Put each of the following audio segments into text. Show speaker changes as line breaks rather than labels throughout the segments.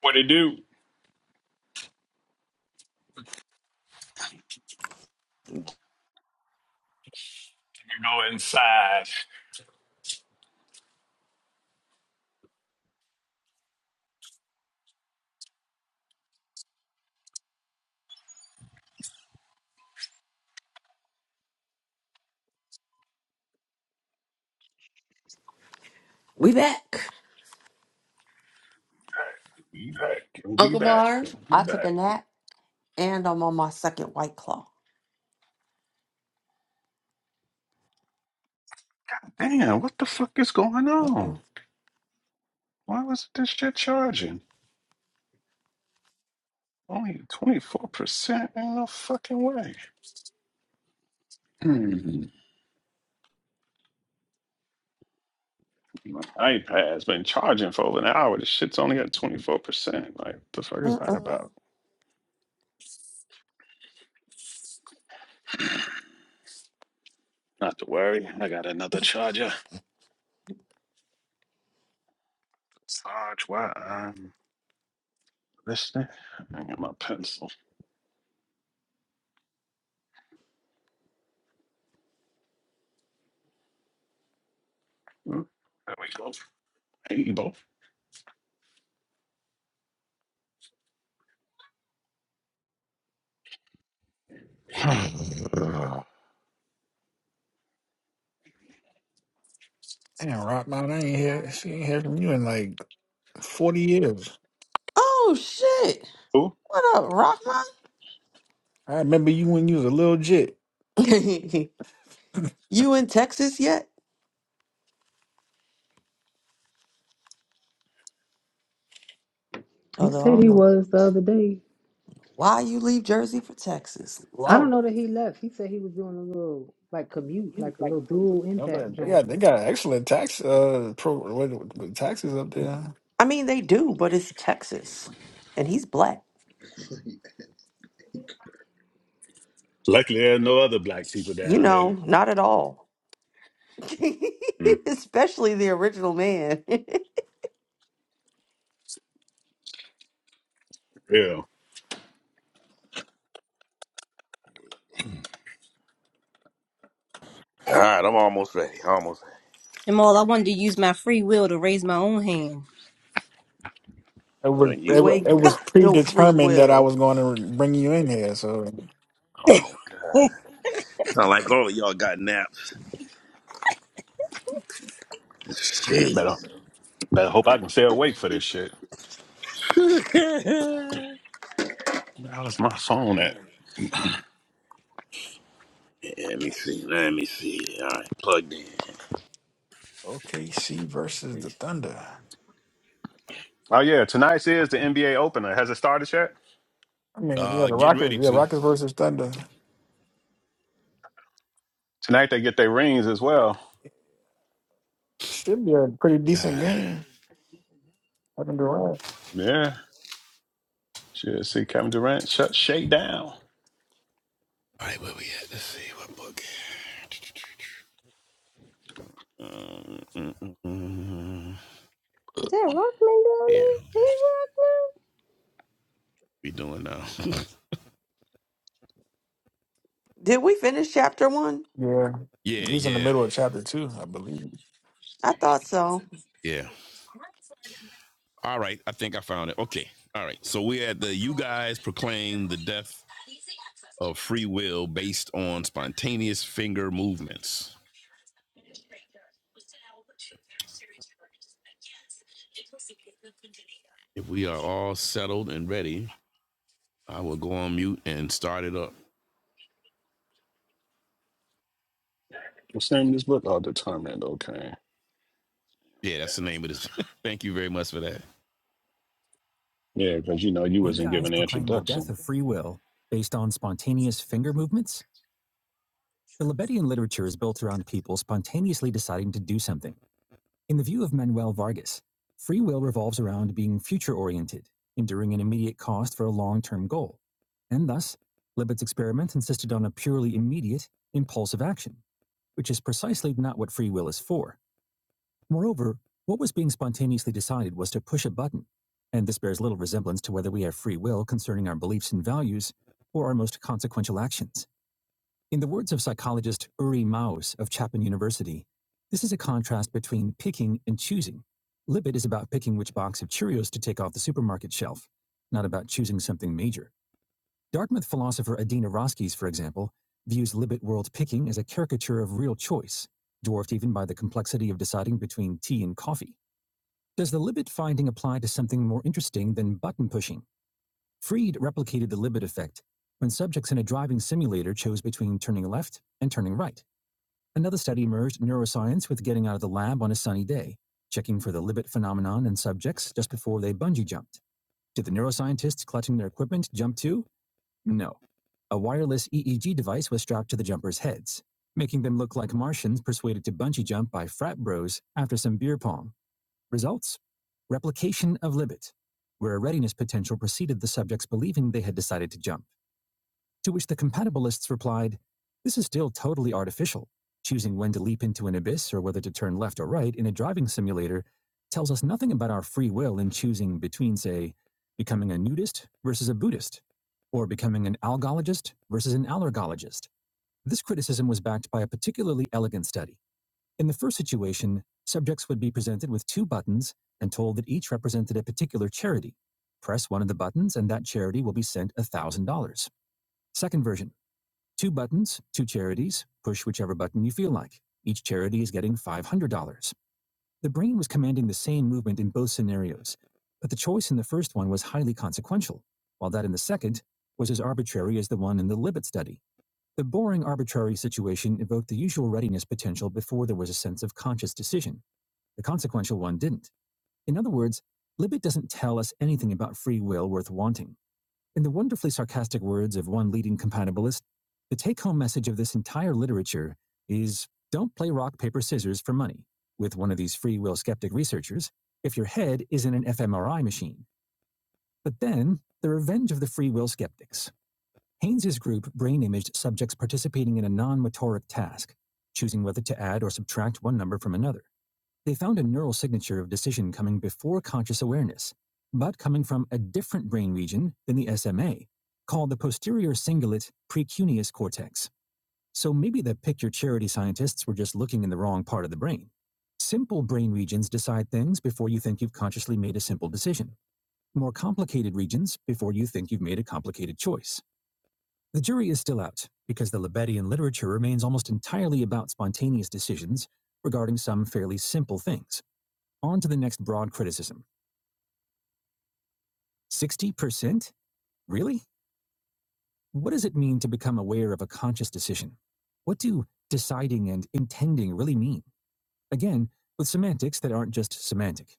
What it do? You go inside.
We back.
Be back. We'll be
Uncle
back. We'll
Marv.
be
I took
back.
a nap and I'm on my second white claw.
Damn, what the fuck is going
Uh
on?
oh.
Why was this shit charging? Only 24% Ain't no fucking way. Hmm. My iPad's been charging for over an hour. This shit's only at 24%. Like, the fuck is
Uh
that
oh.
about? Not to worry. I got another charger. Sarge, why I'm listening. I got my pencil. Hmm. There we go. Able.
Damn, Rock, man, I ain't hear she ain't heard from you in like forty years.
Oh shit.
Who?
What up,
I remember you when you was a little jit.
Rockman? you in Texas yet?
He
Although I
said
don't
he
know
was the other day.
why you leave Jersey for Texas.
I don't
Low.
know that he left. He said he was doing a little like commute,
You
like a
like
little
a little
dual
dude.
I
impact,
bet They
John.
got they got excellent tax uh pro what, what, taxes up there.
I mean they do, but it's Texas. And he's black.
Luckily, there's no other black people
You
down there.
know, not at all.
Mm,
Especially the original man.
yeah,
All right, I'm almost ready. Almost
Jamal, I wanted to use my free will to raise my own hand.
It
ready.
was
Oh, you,
it,
you
wa-
you-
it
ain't
yeah.
was
got no free
predetermined that I
will.
was going to bring you in here. So
oh God. Sound like all of y'all got naps.
shit. Better,
Jeez.
better hope I can stay awake for this shit.
Let
Where the hell is my phone at?
me see. Let me see. All right, plugged in.
OKC versus the Thunder.
Oh yeah, tonight's is the NBA opener. Has it started yet?
I mean, yeah,
Uh,
the
get
Rockets,
ready
yeah,
to.
Rockets versus Thunder
Tonight they get their rings as well.
should be a pretty decent game. I can do that.
Yeah, shit. See Kevin Durant shut shake down.
All right, where we at? Let's see what book. Um, mm, mm, mm.
Is that Rockman down
yeah,
there? Hey,
we doing now.
Did we finish chapter one?
Yeah,
yeah,
he was in the
yeah,
middle of chapter two, I believe.
I thought so.
yeah. All right, I think I found it. Okay, all right. So we had the you guys proclaim the death of free will based on spontaneous finger movements. If we are all settled and ready, I will go on mute and start it up.
What's the name of this book? Oh, Determined. Okay.
Yeah, that's the name of this. Thank you very much for that.
Yeah, because you know you
You
wasn't
guys
given an
proclaim the death
introduction.
of free will based on spontaneous finger movements? The Libetian literature is built around people spontaneously deciding to do something. In the view of Manuel Vargas, free will revolves around being future oriented, enduring an immediate cost for a long term goal. And thus, Libet's experiments insisted on a purely immediate, impulsive action, which is precisely not what free will is for. Moreover, what was being spontaneously decided was to push a button, and this bears little resemblance to whether we have free will concerning our beliefs and values or our most consequential actions. In the words of psychologist Uri Maus of Chapman University, this is a contrast between picking and choosing. Libet is about picking which box of Cheerios to take off the supermarket shelf, not about choosing something major. Dartmouth philosopher Adina Roskies, for example, views Libet world picking as a caricature of real choice, dwarfed even by the complexity of deciding between tea and coffee. Does the Libet finding apply to something more interesting than button pushing? Freed replicated the Libet effect when subjects in a driving simulator chose between turning left and turning right. Another study merged neuroscience with getting out of the lab on a sunny day, checking for the Libet phenomenon in subjects just before they bungee jumped. Did the neuroscientists clutching their equipment jump too? No. A wireless EEG device was strapped to the jumpers' heads, making them look like Martians persuaded to bungee jump by frat bros after some beer pong. Results Replication of Libet, where a readiness potential preceded the subjects believing they had decided to jump. To which the compatibilists replied, This is still totally artificial. Choosing when to leap into an abyss or whether to turn left or right in a driving simulator tells us nothing about our free will in choosing between, say, becoming a nudist versus a Buddhist, or becoming an algologist versus an allergologist. This criticism was backed by a particularly elegant study. In the first situation, subjects would be presented with two buttons and told that each represented a particular charity. Press one of the buttons and that charity will be sent $1,000. Second version, two buttons, two charities, push whichever button you feel like. Each charity is getting $500. The brain was commanding the same movement in both scenarios, but the choice in the first one was highly consequential, while that in the second was as arbitrary as the one in the Libet study. The boring arbitrary situation evoked the usual readiness potential before there was a sense of conscious decision. The consequential one didn't. In other words, Libet doesn't tell us anything about free will worth wanting. In the wonderfully sarcastic words of one leading compatibilist, the take home message of this entire literature is don't play rock, paper, scissors for money with one of these free will skeptic researchers if your head isn't an fMRI machine. But then, the revenge of the free will skeptics. Haynes's group brain imaged subjects participating in a non motoric task, choosing whether to add or subtract one number from another. They found a neural signature of decision coming before conscious awareness, but coming from a different brain region than the SMA, called the posterior cingulate precuneus cortex. So maybe the pick your charity scientists were just looking in the wrong part of the brain. Simple brain regions decide things before you think you've consciously made a simple decision. More complicated regions before you think you've made a complicated choice. The jury is still out because the Libetian literature remains almost entirely about spontaneous decisions regarding some fairly simple things. On to the next broad criticism 60%? Really? What does it mean to become aware of a conscious decision? What do deciding and intending really mean? Again, with semantics that aren't just semantic.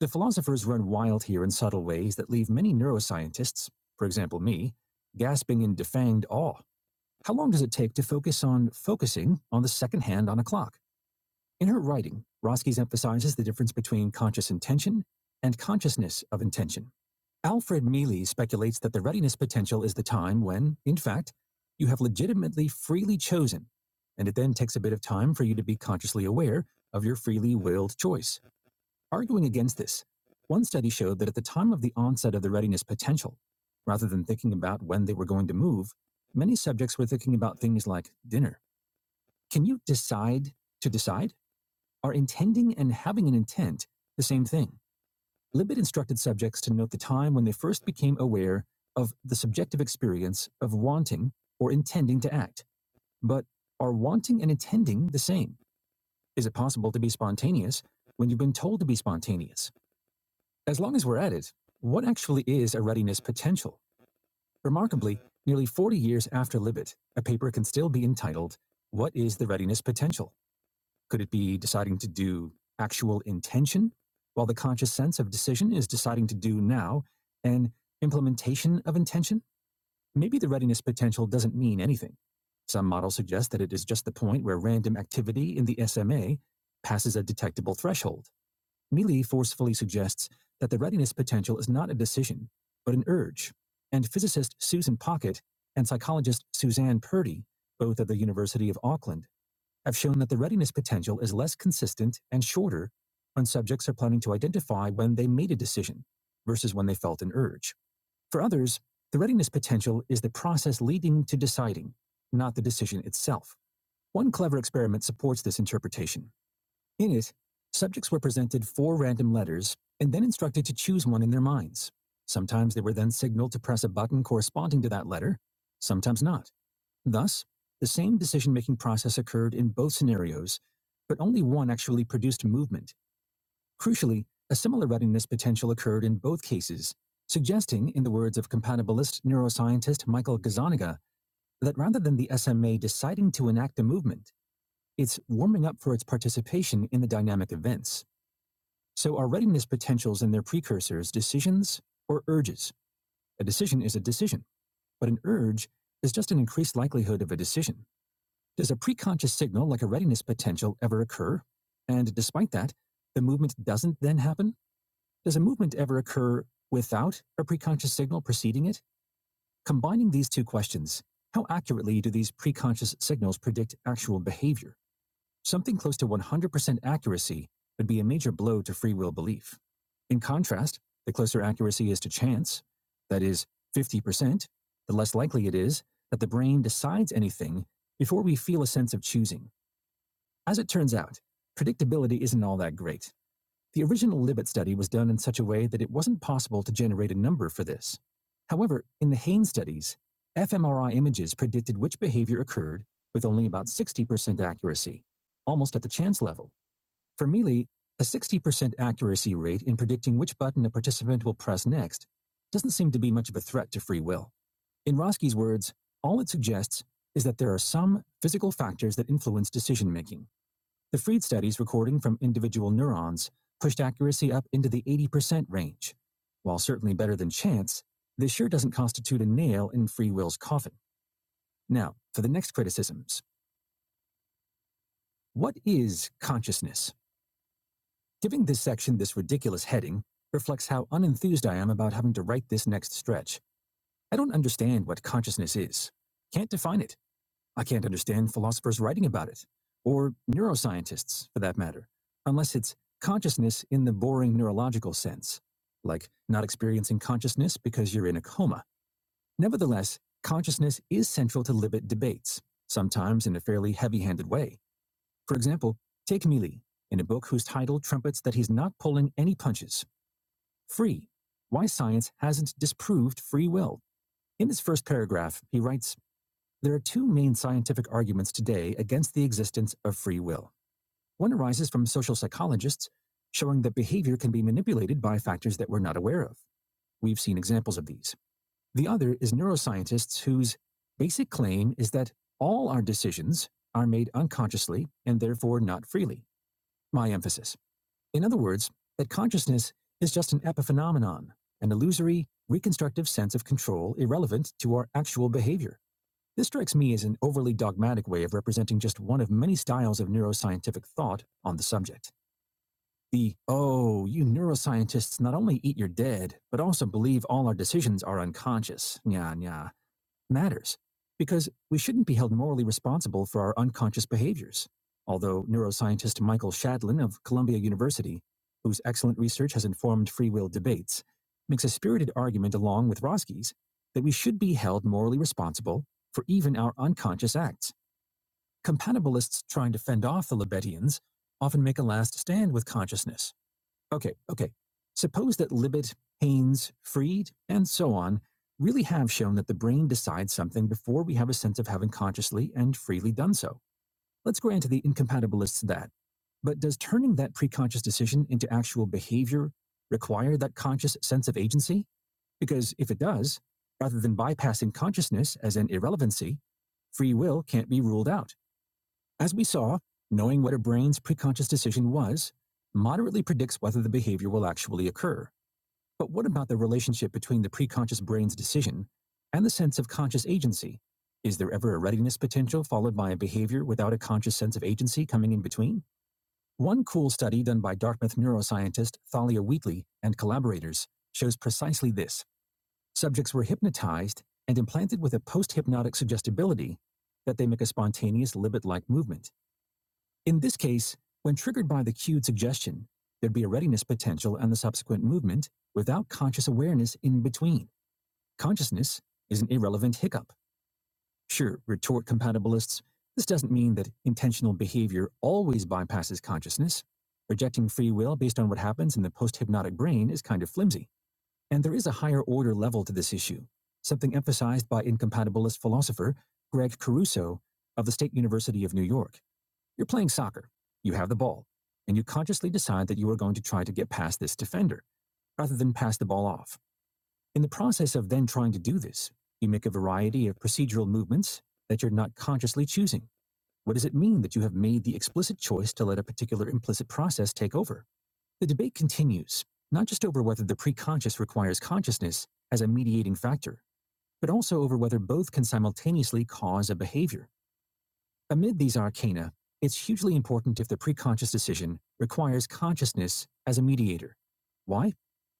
The philosophers run wild here in subtle ways that leave many neuroscientists, for example me, gasping in defanged awe. How long does it take to focus on focusing on the second hand on a clock? In her writing, Roskies emphasizes the difference between conscious intention and consciousness of intention. Alfred Mealy speculates that the readiness potential is the time when, in fact, you have legitimately freely chosen, and it then takes a bit of time for you to be consciously aware of your freely willed choice. Arguing against this, one study showed that at the time of the onset of the readiness potential, rather than thinking about when they were going to move, many subjects were thinking about things like dinner. Can you decide to decide? Are intending and having an intent the same thing? Libet instructed subjects to note the time when they first became aware of the subjective experience of wanting or intending to act. But are wanting and intending the same? Is it possible to be spontaneous when you've been told to be spontaneous? As long as we're at it, what actually is a readiness potential? Remarkably, nearly 40 years after Libet, a paper can still be entitled, What is the Readiness Potential? Could it be deciding to do actual intention, while the conscious sense of decision is deciding to do now an implementation of intention? Maybe the readiness potential doesn't mean anything. Some models suggest that it is just the point where random activity in the SMA passes a detectable threshold. Mealy forcefully suggests that the readiness potential is not a decision, but an urge. And physicist Susan Pocket and psychologist Suzanne Purdy, both of the University of Auckland, have shown that the readiness potential is less consistent and shorter when subjects are planning to identify when they made a decision versus when they felt an urge. For others, the readiness potential is the process leading to deciding, not the decision itself. One clever experiment supports this interpretation. In it, subjects were presented four random letters and then instructed to choose one in their minds. Sometimes they were then signaled to press a button corresponding to that letter, sometimes not. Thus, the same decision making process occurred in both scenarios, but only one actually produced movement. Crucially, a similar readiness potential occurred in both cases, suggesting, in the words of compatibilist neuroscientist Michael Gazzaniga, that rather than the SMA deciding to enact a movement, it's warming up for its participation in the dynamic events. So, are readiness potentials and their precursors decisions or urges? A decision is a decision, but an urge is just an increased likelihood of a decision. Does a preconscious signal like a readiness potential ever occur? And despite that, the movement doesn't then happen? Does a movement ever occur without a preconscious signal preceding it? Combining these two questions, how accurately do these preconscious signals predict actual behavior? Something close to 100% accuracy would be a major blow to free will belief. In contrast, the closer accuracy is to chance, that is, 50%, the less likely it is that the brain decides anything before we feel a sense of choosing. As it turns out, predictability isn't all that great. The original Libet study was done in such a way that it wasn't possible to generate a number for this. However, in the Haynes studies, fMRI images predicted which behavior occurred with only about 60% accuracy, almost at the chance level. For Mealy, a 60% accuracy rate in predicting which button a participant will press next doesn't seem to be much of a threat to free will. In Roski's words, all it suggests is that there are some physical factors that influence decision making the Freed studies recording from individual neurons pushed accuracy up into the 80% range. While certainly better than chance, this sure doesn't constitute a nail in free will's coffin. Now, for the next criticisms. What is consciousness? Giving this section this ridiculous heading reflects how unenthused I am about having to write this next stretch. I don't understand what consciousness is. Can't define it. I can't understand philosophers writing about it, or neuroscientists, for that matter, unless it's consciousness in the boring neurological sense, like not experiencing consciousness because you're in a coma. Nevertheless, consciousness is central to Libet debates, sometimes in a fairly heavy handed way. For example, take Mealy, in a book whose title trumpets that he's not pulling any punches Free Why Science Hasn't Disproved Free Will. In his first paragraph, he writes, there are two main scientific arguments today against the existence of free will. One arises from social psychologists showing that behavior can be manipulated by factors that we're not aware of. We've seen examples of these. The other is neuroscientists whose basic claim is that all our decisions are made unconsciously and therefore not freely. My emphasis. In other words, that consciousness is just an epiphenomenon, an illusory, reconstructive sense of control irrelevant to our actual behavior. This strikes me as an overly dogmatic way of representing just one of many styles of neuroscientific thought on the subject. The, oh, you neuroscientists not only eat your dead, but also believe all our decisions are unconscious, nya nya, matters because we shouldn't be held morally responsible for our unconscious behaviors. Although neuroscientist Michael Shadlin of Columbia University, whose excellent research has informed free will debates, makes a spirited argument along with Roski's that we should be held morally responsible for even our unconscious acts. Compatibilists trying to fend off the Libetians often make a last stand with consciousness Okay, okay. Suppose that Libet, Haynes, Freed, and so on really have shown that the brain decides something before we have a sense of having consciously and freely done so. Let's grant to the incompatibilists that. But does turning that preconscious decision into actual behavior require that conscious sense of agency? Because if it does, rather than bypassing consciousness as an irrelevancy, free will can't be ruled out. As we saw, knowing what a brain's preconscious decision was moderately predicts whether the behavior will actually occur. But what about the relationship between the preconscious brain's decision and the sense of conscious agency? Is there ever a readiness potential followed by a behavior without a conscious sense of agency coming in between? One cool study done by Dartmouth neuroscientist Thalia Wheatley and collaborators shows precisely this. Subjects were hypnotized and implanted with a post hypnotic suggestibility that they make a spontaneous libet like movement. In this case, when triggered by the cued suggestion, there'd be a readiness potential and the subsequent movement without conscious awareness in between. Consciousness is an irrelevant hiccup. Sure, retort compatibilists, this doesn't mean that intentional behavior always bypasses consciousness. Rejecting free will based on what happens in the post hypnotic brain is kind of flimsy. And there is a higher order level to this issue, something emphasized by incompatibilist philosopher Greg Caruso of the State University of New York. You're playing soccer. You have the ball, and you consciously decide that you are going to try to get past this defender rather than pass the ball off. In the process of then trying to do this, you make a variety of procedural movements that you're not consciously choosing. What does it mean that you have made the explicit choice to let a particular implicit process take over? The debate continues, not just over whether the preconscious requires consciousness as a mediating factor, but also over whether both can simultaneously cause a behavior. Amid these arcana, it's hugely important if the preconscious decision requires consciousness as a mediator. Why?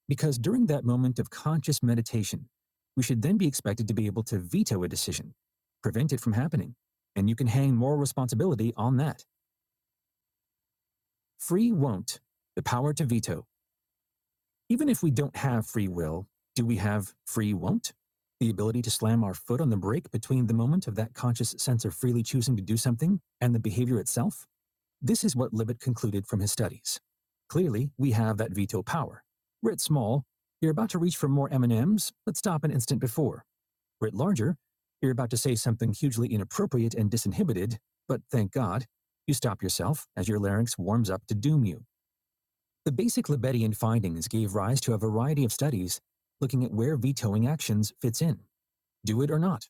Because during that moment of conscious meditation, we should then be expected to be able to veto a decision, prevent it from happening, and you can hang moral responsibility on that. Free won't, the power to veto. Even if we don't have free will, do we have free won't? The ability to slam our foot on the brake between the moment of that conscious sense of freely choosing to do something and the behavior itself? This is what Libet concluded from his studies. Clearly, we have that veto power. Writ small, you're about to reach for more M&Ms, let's stop an instant before. Writ larger, you're about to say something hugely inappropriate and disinhibited, but thank God, you stop yourself as your larynx warms up to doom you. The basic Libetian findings gave rise to a variety of studies looking at where vetoing actions fits in. Do it or not.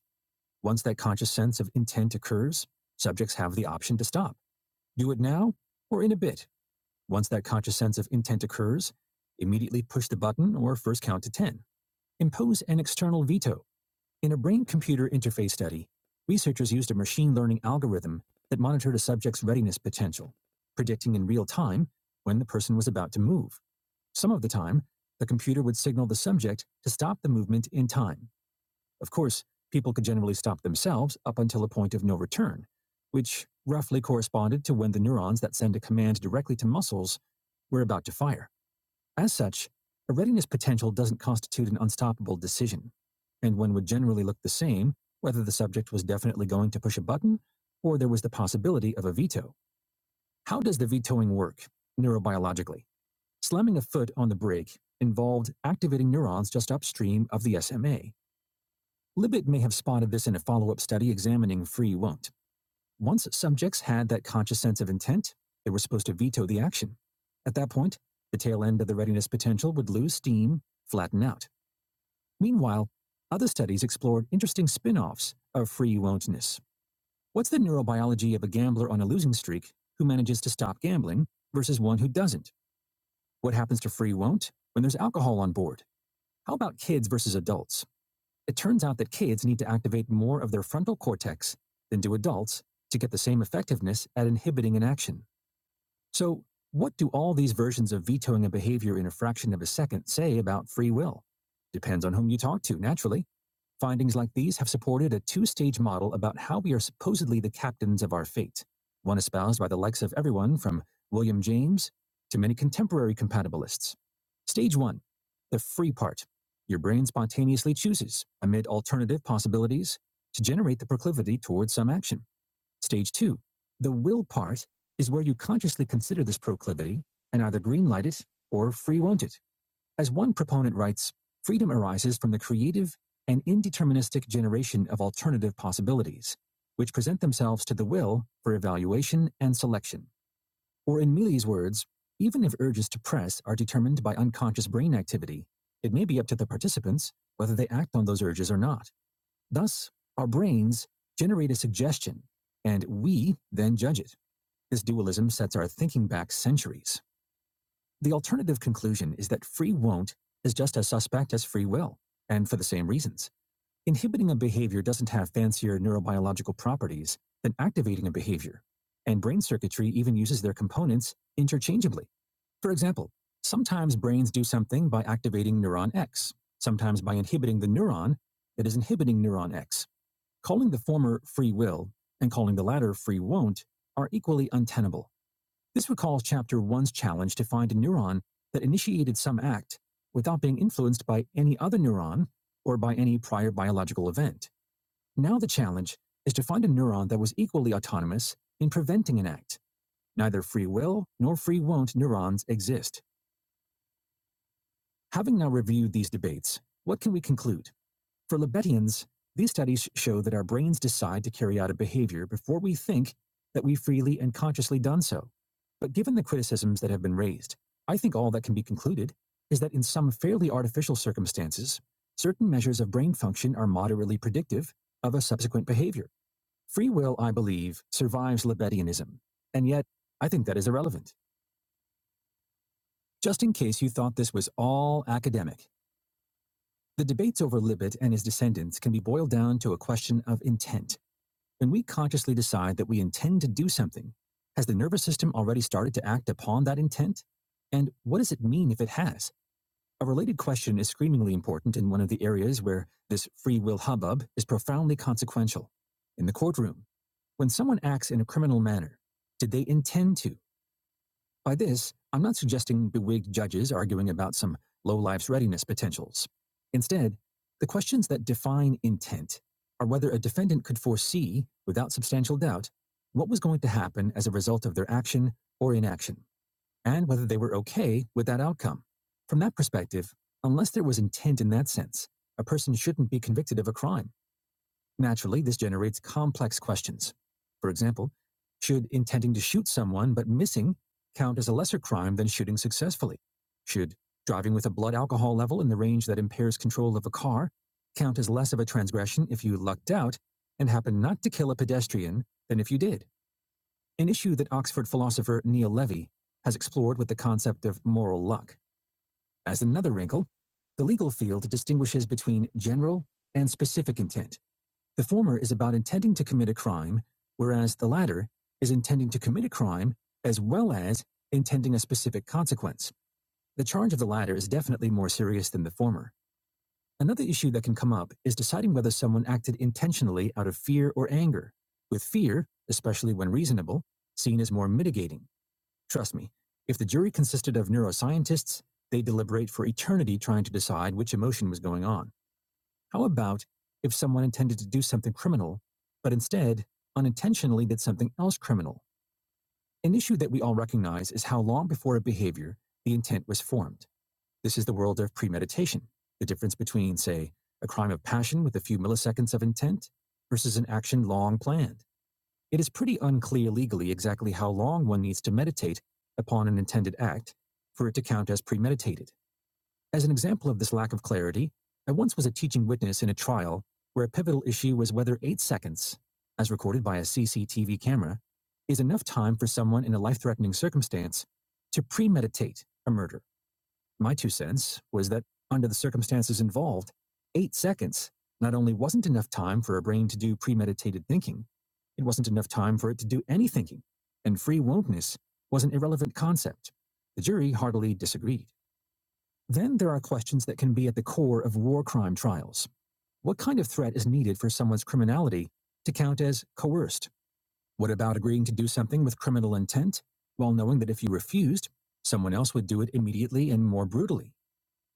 Once that conscious sense of intent occurs, subjects have the option to stop. Do it now or in a bit. Once that conscious sense of intent occurs, immediately push the button or first count to 10. Impose an external veto. In a brain computer interface study, researchers used a machine learning algorithm that monitored a subject's readiness potential, predicting in real time when the person was about to move. Some of the time, the computer would signal the subject to stop the movement in time. Of course, people could generally stop themselves up until a point of no return, which roughly corresponded to when the neurons that send a command directly to muscles were about to fire. As such, a readiness potential doesn't constitute an unstoppable decision, and one would generally look the same whether the subject was definitely going to push a button or there was the possibility of a veto. How does the vetoing work neurobiologically? Slamming a foot on the brake involved activating neurons just upstream of the SMA, Libet may have spotted this in a follow up study examining free won't. Once subjects had that conscious sense of intent, they were supposed to veto the action. At that point, the tail end of the readiness potential would lose steam, flatten out. Meanwhile, other studies explored interesting spin offs of free won'tness. What's the neurobiology of a gambler on a losing streak who manages to stop gambling versus one who doesn't? What happens to free won't when there's alcohol on board? How about kids versus adults? It turns out that kids need to activate more of their frontal cortex than do adults to get the same effectiveness at inhibiting an action. So, what do all these versions of vetoing a behavior in a fraction of a second say about free will? Depends on whom you talk to, naturally. Findings like these have supported a two stage model about how we are supposedly the captains of our fate, one espoused by the likes of everyone from William James to many contemporary compatibilists. Stage one, the free part. Your brain spontaneously chooses, amid alternative possibilities, to generate the proclivity towards some action. Stage two, the will part is where you consciously consider this proclivity and either greenlight it or free won't it. As one proponent writes, freedom arises from the creative and indeterministic generation of alternative possibilities, which present themselves to the will for evaluation and selection. Or in Mealy's words, even if urges to press are determined by unconscious brain activity, it may be up to the participants whether they act on those urges or not. Thus, our brains generate a suggestion, and we then judge it. This dualism sets our thinking back centuries. The alternative conclusion is that free won't is just as suspect as free will, and for the same reasons. Inhibiting a behavior doesn't have fancier neurobiological properties than activating a behavior, and brain circuitry even uses their components interchangeably. For example, sometimes brains do something by activating neuron X, sometimes by inhibiting the neuron that is inhibiting neuron X. Calling the former free will and calling the latter free won't are equally untenable. This recalls Chapter 1's challenge to find a neuron that initiated some act without being influenced by any other neuron or by any prior biological event. Now the challenge is to find a neuron that was equally autonomous in preventing an act. Neither free will nor free won't neurons exist. Having now reviewed these debates, what can we conclude? For Libetians, these studies show that our brains decide to carry out a behavior before we think that we've freely and consciously done so. But given the criticisms that have been raised, I think all that can be concluded is that in some fairly artificial circumstances, certain measures of brain function are moderately predictive of a subsequent behavior. Free will, I believe, survives Libetianism, and yet I think that is irrelevant. Just in case you thought this was all academic, the debates over Libet and his descendants can be boiled down to a question of intent. When we consciously decide that we intend to do something, has the nervous system already started to act upon that intent? And what does it mean if it has? A related question is screamingly important in one of the areas where this free will hubbub is profoundly consequential in the courtroom. When someone acts in a criminal manner, did they intend to? By this, I'm not suggesting bewigged judges arguing about some low life's readiness potentials. Instead, the questions that define intent are whether a defendant could foresee, without substantial doubt, what was going to happen as a result of their action or inaction, and whether they were okay with that outcome. From that perspective, unless there was intent in that sense, a person shouldn't be convicted of a crime. Naturally, this generates complex questions. For example, should intending to shoot someone but missing count as a lesser crime than shooting successfully? Should driving with a blood alcohol level in the range that impairs control of a car count as less of a transgression if you lucked out and happened not to kill a pedestrian than if you did? An issue that Oxford philosopher Neil Levy has explored with the concept of moral luck. As another wrinkle, the legal field distinguishes between general and specific intent. The former is about intending to commit a crime, whereas the latter is intending to commit a crime as well as intending a specific consequence. The charge of the latter is definitely more serious than the former. Another issue that can come up is deciding whether someone acted intentionally out of fear or anger. With fear, especially when reasonable, seen as more mitigating. Trust me, if the jury consisted of neuroscientists, they deliberate for eternity trying to decide which emotion was going on. How about if someone intended to do something criminal, but instead unintentionally did something else criminal? An issue that we all recognize is how long before a behavior the intent was formed. This is the world of premeditation, the difference between, say, a crime of passion with a few milliseconds of intent versus an action long planned. It is pretty unclear legally exactly how long one needs to meditate upon an intended act for it to count as premeditated. As an example of this lack of clarity, I once was a teaching witness in a trial where a pivotal issue was whether eight seconds, as recorded by a CCTV camera, is enough time for someone in a life threatening circumstance to premeditate a murder. My two cents was that, under the circumstances involved, eight seconds not only wasn't enough time for a brain to do premeditated thinking, it wasn't enough time for it to do any thinking, and free wontness was an irrelevant concept. The jury heartily disagreed. Then there are questions that can be at the core of war crime trials. What kind of threat is needed for someone's criminality to count as coerced? What about agreeing to do something with criminal intent while knowing that if you refused, someone else would do it immediately and more brutally?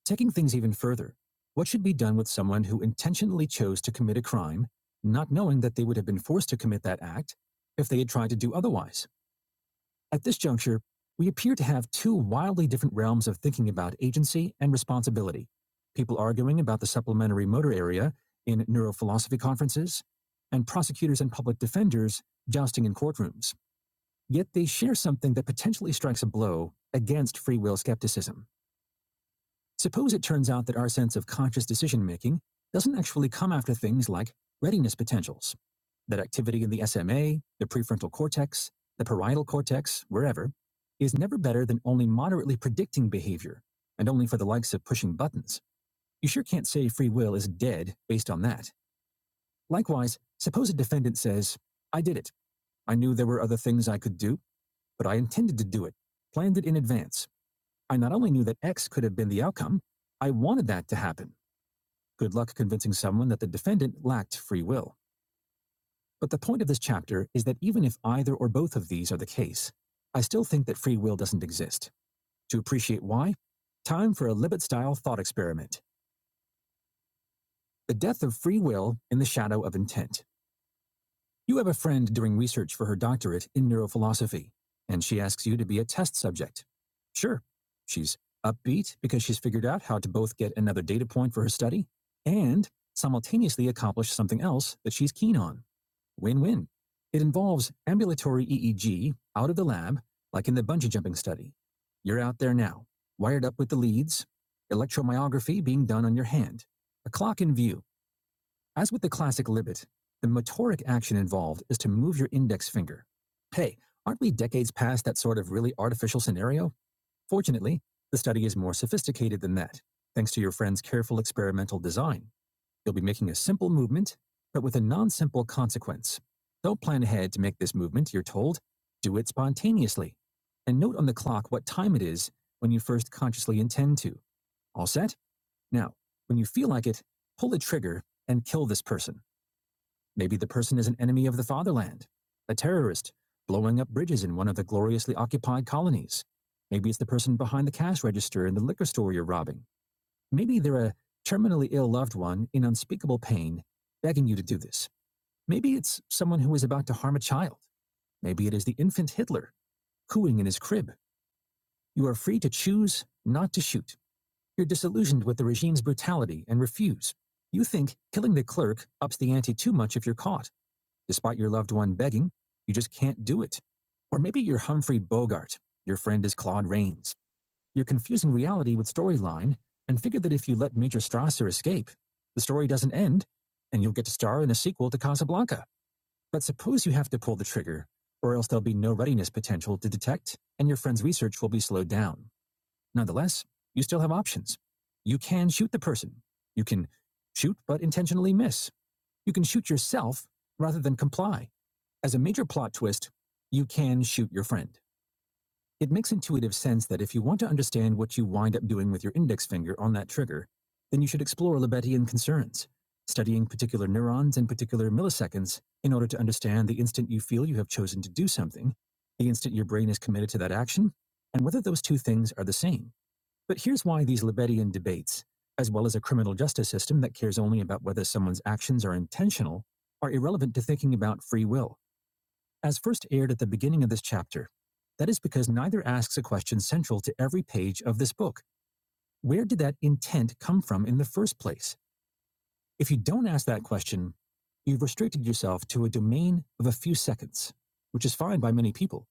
Taking things even further, what should be done with someone who intentionally chose to commit a crime, not knowing that they would have been forced to commit that act if they had tried to do otherwise? At this juncture, we appear to have two wildly different realms of thinking about agency and responsibility. People arguing about the supplementary motor area in neurophilosophy conferences, and prosecutors and public defenders jousting in courtrooms. Yet they share something that potentially strikes a blow against free will skepticism. Suppose it turns out that our sense of conscious decision making doesn't actually come after things like readiness potentials that activity in the SMA, the prefrontal cortex, the parietal cortex, wherever, is never better than only moderately predicting behavior, and only for the likes of pushing buttons. You sure can't say free will is dead based on that. Likewise, suppose a defendant says, I did it. I knew there were other things I could do, but I intended to do it, planned it in advance. I not only knew that X could have been the outcome, I wanted that to happen. Good luck convincing someone that the defendant lacked free will. But the point of this chapter is that even if either or both of these are the case, I still think that free will doesn't exist. To appreciate why, time for a Libet style thought experiment the death of free will in the shadow of intent. You have a friend doing research for her doctorate in neurophilosophy, and she asks you to be a test subject. Sure, she's upbeat because she's figured out how to both get another data point for her study and simultaneously accomplish something else that she's keen on. Win-win. It involves ambulatory EEG out of the lab, like in the bungee jumping study. You're out there now, wired up with the leads, electromyography being done on your hand, a clock in view. As with the classic Libet, the motoric action involved is to move your index finger. Hey, aren't we decades past that sort of really artificial scenario? Fortunately, the study is more sophisticated than that, thanks to your friend's careful experimental design. You'll be making a simple movement, but with a non-simple consequence. Don't plan ahead to make this movement, you're told. Do it spontaneously. And note on the clock what time it is when you first consciously intend to. All set? Now, when you feel like it, pull the trigger and kill this person. Maybe the person is an enemy of the fatherland, a terrorist, blowing up bridges in one of the gloriously occupied colonies. Maybe it's the person behind the cash register in the liquor store you're robbing Maybe they're a terminally ill loved one in unspeakable pain, begging you to do this. Maybe it's someone who is about to harm a child. Maybe it is the infant Hitler cooing in his crib. You are free to choose not to shoot. You're disillusioned with the regime's brutality and refuse. You think killing the clerk ups the ante too much if you're caught. Despite your loved one begging, you just can't do it. Or maybe you're Humphrey Bogart. Your friend is Claude Rains. You're confusing reality with storyline and figure that if you let Major Strasser escape, the story doesn't end and you'll get to star in a sequel to Casablanca. But suppose you have to pull the trigger, or else there'll be no readiness potential to detect and your friend's research will be slowed down. Nonetheless, you still have options. You can shoot the person. You can shoot but intentionally miss. You can shoot yourself rather than comply. As a major plot twist, you can shoot your friend. It makes intuitive sense that if you want to understand what you wind up doing with your index finger on that trigger, then you should explore Lebesguean concerns, studying particular neurons and particular milliseconds in order to understand the instant you feel you have chosen to do something, the instant your brain is committed to that action, and whether those two things are the same. But here's why these Lebesguean debates, as well as a criminal justice system that cares only about whether someone's actions are intentional, are irrelevant to thinking about free will as first aired at the beginning of this chapter. That is because neither asks a question central to every page of this book. Where did that intent come from in the first place? If you don't ask that question, you've restricted yourself to a domain of a few seconds, which is fine by many people.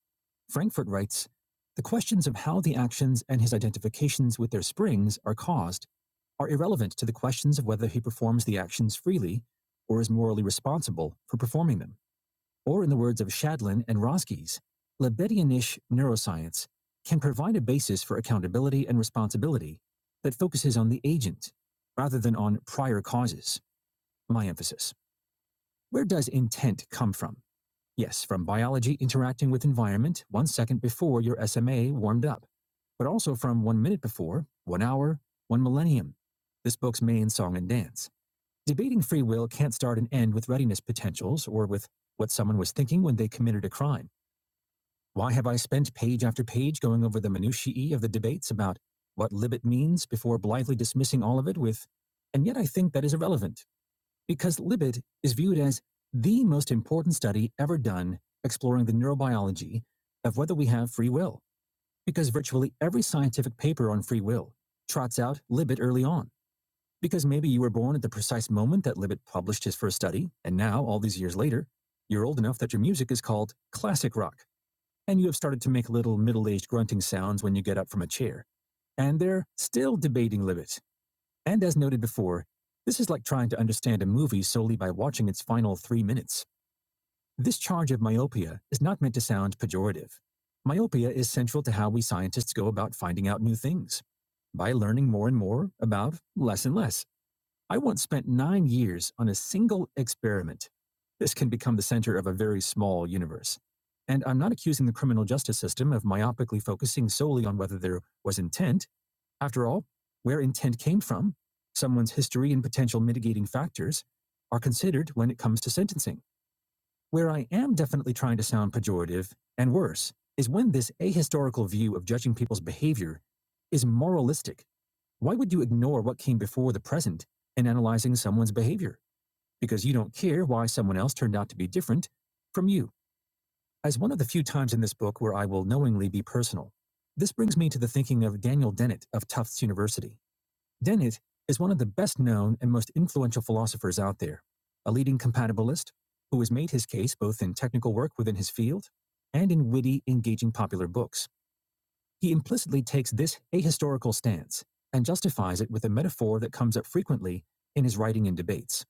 Frankfurt writes The questions of how the actions and his identifications with their springs are caused are irrelevant to the questions of whether he performs the actions freely or is morally responsible for performing them or in the words of Shadlin and Roskies, Lebedianish neuroscience can provide a basis for accountability and responsibility that focuses on the agent rather than on prior causes. My emphasis. Where does intent come from? Yes, from biology interacting with environment one second before your SMA warmed up, but also from one minute before, one hour, one millennium. This book's main song and dance. Debating free will can't start and end with readiness potentials or with what someone was thinking when they committed a crime. Why have I spent page after page going over the minutiae of the debates about what Libet means before blithely dismissing all of it with, and yet I think that is irrelevant, because Libet is viewed as the most important study ever done exploring the neurobiology of whether we have free will, because virtually every scientific paper on free will trots out Libet early on. Because maybe you were born at the precise moment that Libet published his first study, and now, all these years later, you're old enough that your music is called classic rock and you have started to make little middle aged grunting sounds when you get up from a chair. And they're still debating limits. And as noted before, this is like trying to understand a movie solely by watching its final three minutes. This charge of myopia is not meant to sound pejorative. Myopia is central to how we scientists go about finding out new things by learning more and more about less and less. I once spent nine years on a single experiment. This can become the center of a very small universe. And I'm not accusing the criminal justice system of myopically focusing solely on whether there was intent. After all, where intent came from, someone's history and potential mitigating factors are considered when it comes to sentencing. Where I am definitely trying to sound pejorative, and worse, is when this ahistorical view of judging people's behavior is moralistic. Why would you ignore what came before the present in analyzing someone's behavior? Because you don't care why someone else turned out to be different from you. As one of the few times in this book where I will knowingly be personal, this brings me to the thinking of Daniel Dennett of Tufts University. Dennett is one of the best known and most influential philosophers out there, a leading compatibilist who has made his case both in technical work within his field and in witty, engaging popular books. He implicitly takes this ahistorical stance and justifies it with a metaphor that comes up frequently in his writing and debates.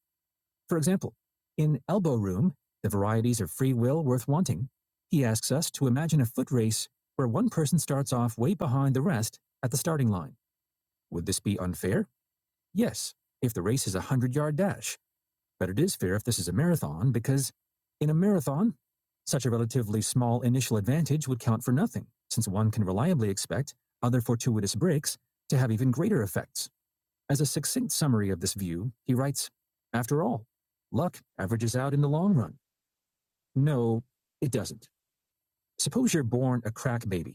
For example, in Elbow Room, The Varieties of Free Will Worth Wanting, he asks us to imagine a foot race where one person starts off way behind the rest at the starting line. Would this be unfair? Yes, if the race is a 100 yard dash, but it is fair if this is a marathon because, in a marathon, such a relatively small initial advantage would count for nothing, since one can reliably expect other fortuitous breaks to have even greater effects. As a succinct summary of this view, he writes After all, luck averages out in the long run. No, it doesn't. Suppose you're born a crack baby.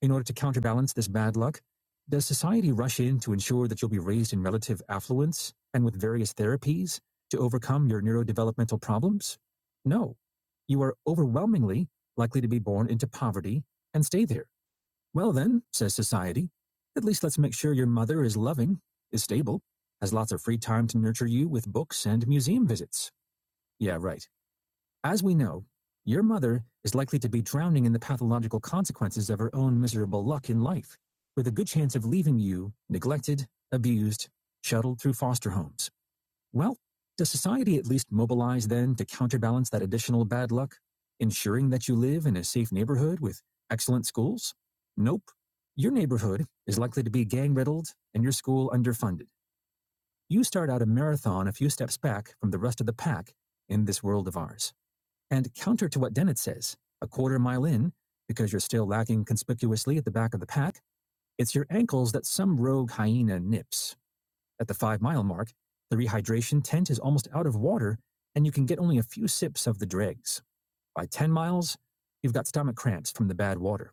In order to counterbalance this bad luck, does society rush in to ensure that you'll be raised in relative affluence and with various therapies to overcome your neurodevelopmental problems? No. You are overwhelmingly likely to be born into poverty and stay there. Well, then, says society, at least let's make sure your mother is loving, is stable, has lots of free time to nurture you with books and museum visits. Yeah, right. As we know, your mother is likely to be drowning in the pathological consequences of her own miserable luck in life, with a good chance of leaving you neglected, abused, shuttled through foster homes. Well, does society at least mobilize then to counterbalance that additional bad luck, ensuring that you live in a safe neighborhood with excellent schools? Nope. Your neighborhood is likely to be gang riddled and your school underfunded. You start out a marathon a few steps back from the rest of the pack in this world of ours. And counter to what Dennett says, a quarter mile in, because you're still lagging conspicuously at the back of the pack, it's your ankles that some rogue hyena nips. At the five mile mark, the rehydration tent is almost out of water, and you can get only a few sips of the dregs. By 10 miles, you've got stomach cramps from the bad water.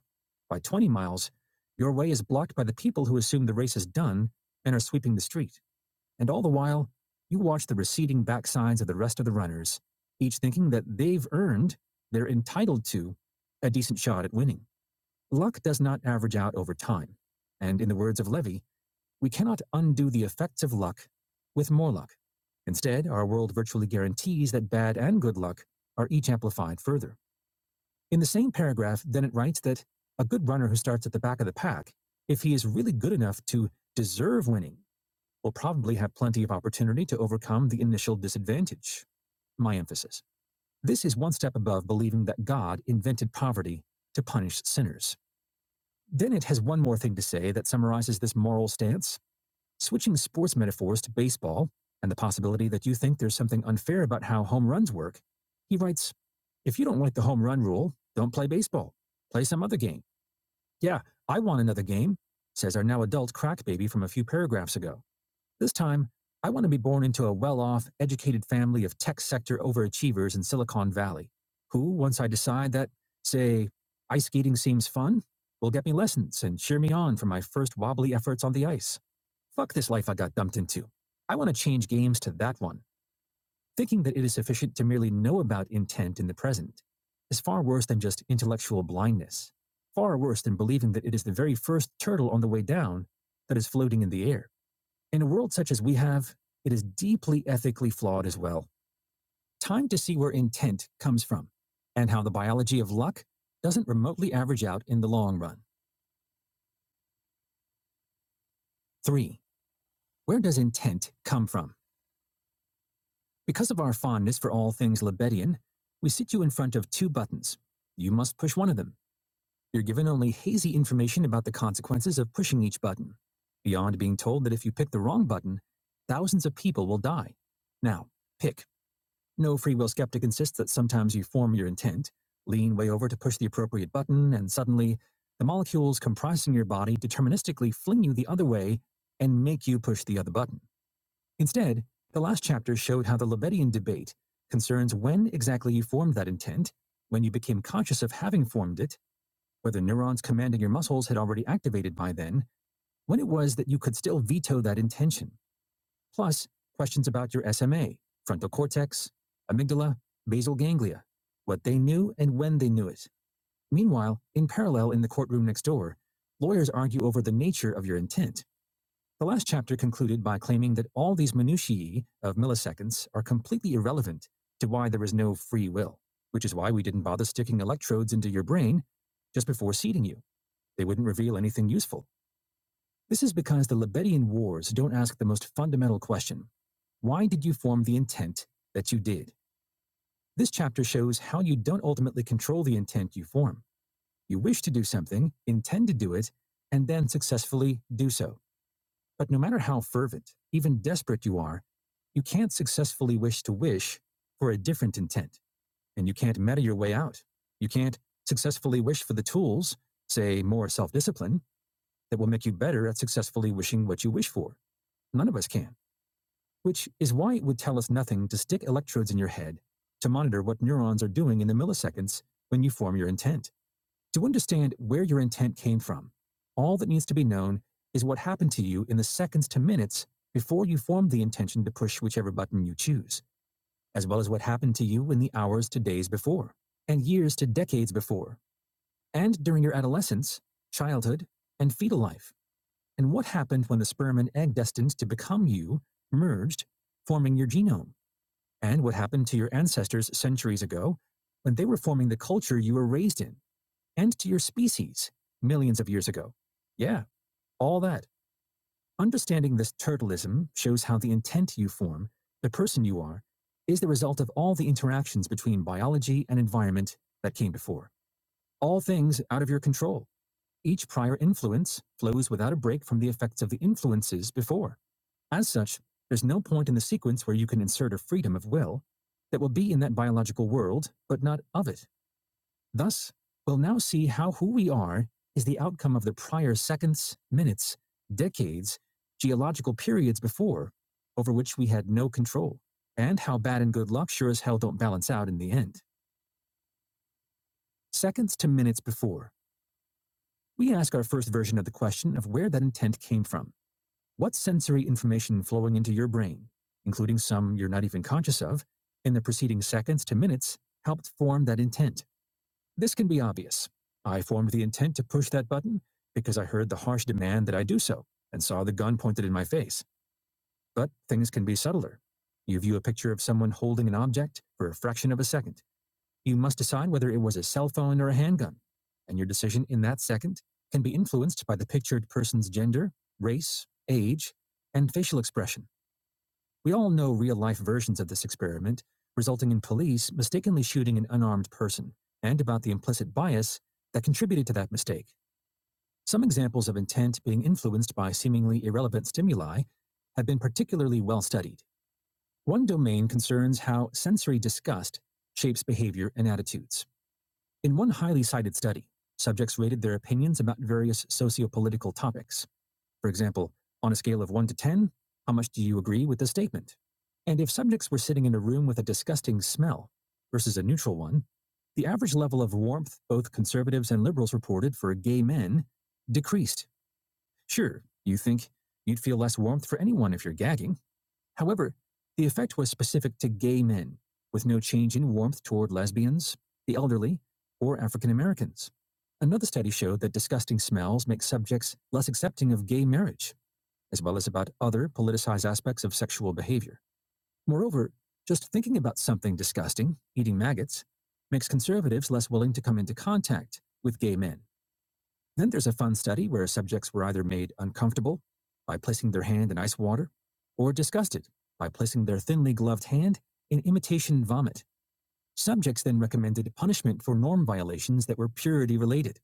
By 20 miles, your way is blocked by the people who assume the race is done and are sweeping the street. And all the while, you watch the receding backsides of the rest of the runners, each thinking that they've earned, they're entitled to, a decent shot at winning. Luck does not average out over time. And in the words of Levy, we cannot undo the effects of luck with more luck. Instead, our world virtually guarantees that bad and good luck are each amplified further. In the same paragraph, Dennett writes that a good runner who starts at the back of the pack, if he is really good enough to deserve winning, will probably have plenty of opportunity to overcome the initial disadvantage. My emphasis. This is one step above believing that God invented poverty to punish sinners. Dennett has one more thing to say that summarizes this moral stance. Switching sports metaphors to baseball and the possibility that you think there's something unfair about how home runs work, he writes If you don't like the home run rule, don't play baseball. Play some other game. Yeah, I want another game, says our now adult crack baby from a few paragraphs ago. This time, I want to be born into a well off, educated family of tech sector overachievers in Silicon Valley, who, once I decide that, say, ice skating seems fun, will get me lessons and cheer me on for my first wobbly efforts on the ice. Fuck this life I got dumped into. I want to change games to that one, thinking that it is sufficient to merely know about intent in the present. Is far worse than just intellectual blindness, far worse than believing that it is the very first turtle on the way down that is floating in the air. In a world such as we have, it is deeply ethically flawed as well. Time to see where intent comes from and how the biology of luck doesn't remotely average out in the long run. Three, where does intent come from? Because of our fondness for all things Lebedian, we sit you in front of two buttons. You must push one of them. You're given only hazy information about the consequences of pushing each button, beyond being told that if you pick the wrong button, thousands of people will die. Now, pick. No free will skeptic insists that sometimes you form your intent, lean way over to push the appropriate button, and suddenly the molecules comprising your body deterministically fling you the other way and make you push the other button. Instead, the last chapter showed how the Lebedian debate concerns when exactly you formed that intent, when you became conscious of having formed it, whether neurons commanding your muscles had already activated by then, when it was that you could still veto that intention plus questions about your SMA, frontal cortex, amygdala, basal ganglia, what they knew and when they knew it. Meanwhile, in parallel in the courtroom next door, lawyers argue over the nature of your intent. The last chapter concluded by claiming that all these minutiae of milliseconds are completely irrelevant to why there is no free will, which is why we didn't bother sticking electrodes into your brain just before seating you. They wouldn't reveal anything useful. This is because the Libetian Wars don't ask the most fundamental question Why did you form the intent that you did? This chapter shows how you don't ultimately control the intent you form. You wish to do something, intend to do it, and then successfully do so. But no matter how fervent, even desperate you are, you can't successfully wish to wish for a different intent, and you can't meta your way out. You can't successfully wish for the tools, say more self discipline, that will make you better at successfully wishing what you wish for. None of us can, which is why it would tell us nothing to stick electrodes in your head to monitor what neurons are doing in the milliseconds when you form your intent. To understand where your intent came from, all that needs to be known is what happened to you in the seconds to minutes before you formed the intention to push whichever button you choose, as well as what happened to you in the hours to days before, and years to decades before, and during your adolescence, childhood, and fetal life. And what happened when the sperm and egg destined to become you merged, forming your genome? And what happened to your ancestors centuries ago when they were forming the culture you were raised in and to your species millions of years ago? Yeah, all that. Understanding this turtleism shows how the intent you form, the person you are, is the result of all the interactions between biology and environment that came before. All things out of your control. Each prior influence flows without a break from the effects of the influences before. As such, there's no point in the sequence where you can insert a freedom of will that will be in that biological world, but not of it. Thus, we'll now see how who we are is the outcome of the prior seconds, minutes, decades, geological periods before, over which we had no control, and how bad and good luck sure as hell don't balance out in the end. Seconds to minutes before, we ask our first version of the question of where that intent came from. What sensory information flowing into your brain, including some you're not even conscious of, in the preceding seconds to minutes helped form that intent? This can be obvious. I formed the intent to push that button because I heard the harsh demand that I do so and saw the gun pointed in my face. But things can be subtler. You view a picture of someone holding an object for a fraction of a second you must decide whether it was a cell phone or a handgun, and your decision in that second can be influenced by the pictured person's gender, race, age, and facial expression. We all know real life versions of this experiment, resulting in police mistakenly shooting an unarmed person, and about the implicit bias that contributed to that mistake. Some examples of intent being influenced by seemingly irrelevant stimuli have been particularly well studied. One domain concerns how sensory disgust shapes behavior and attitudes. In one highly cited study, subjects rated their opinions about various socio-political topics. For example, on a scale of 1 to 10, how much do you agree with the statement? And if subjects were sitting in a room with a disgusting smell versus a neutral one, the average level of warmth both conservatives and liberals reported for gay men decreased. Sure, you think you'd feel less warmth for anyone if you're gagging, However, the effect was specific to gay men, with no change in warmth toward lesbians, the elderly, or African Americans. Another study showed that disgusting smells make subjects less accepting of gay marriage, as well as about other politicized aspects of sexual behavior. Moreover, just thinking about something disgusting, eating maggots, makes conservatives less willing to come into contact with gay men. Then there's a fun study where subjects were either made uncomfortable by placing their hand in ice water or disgusted by placing their thinly gloved hand in imitation vomit. Subjects then recommended punishment for norm violations that were purity related.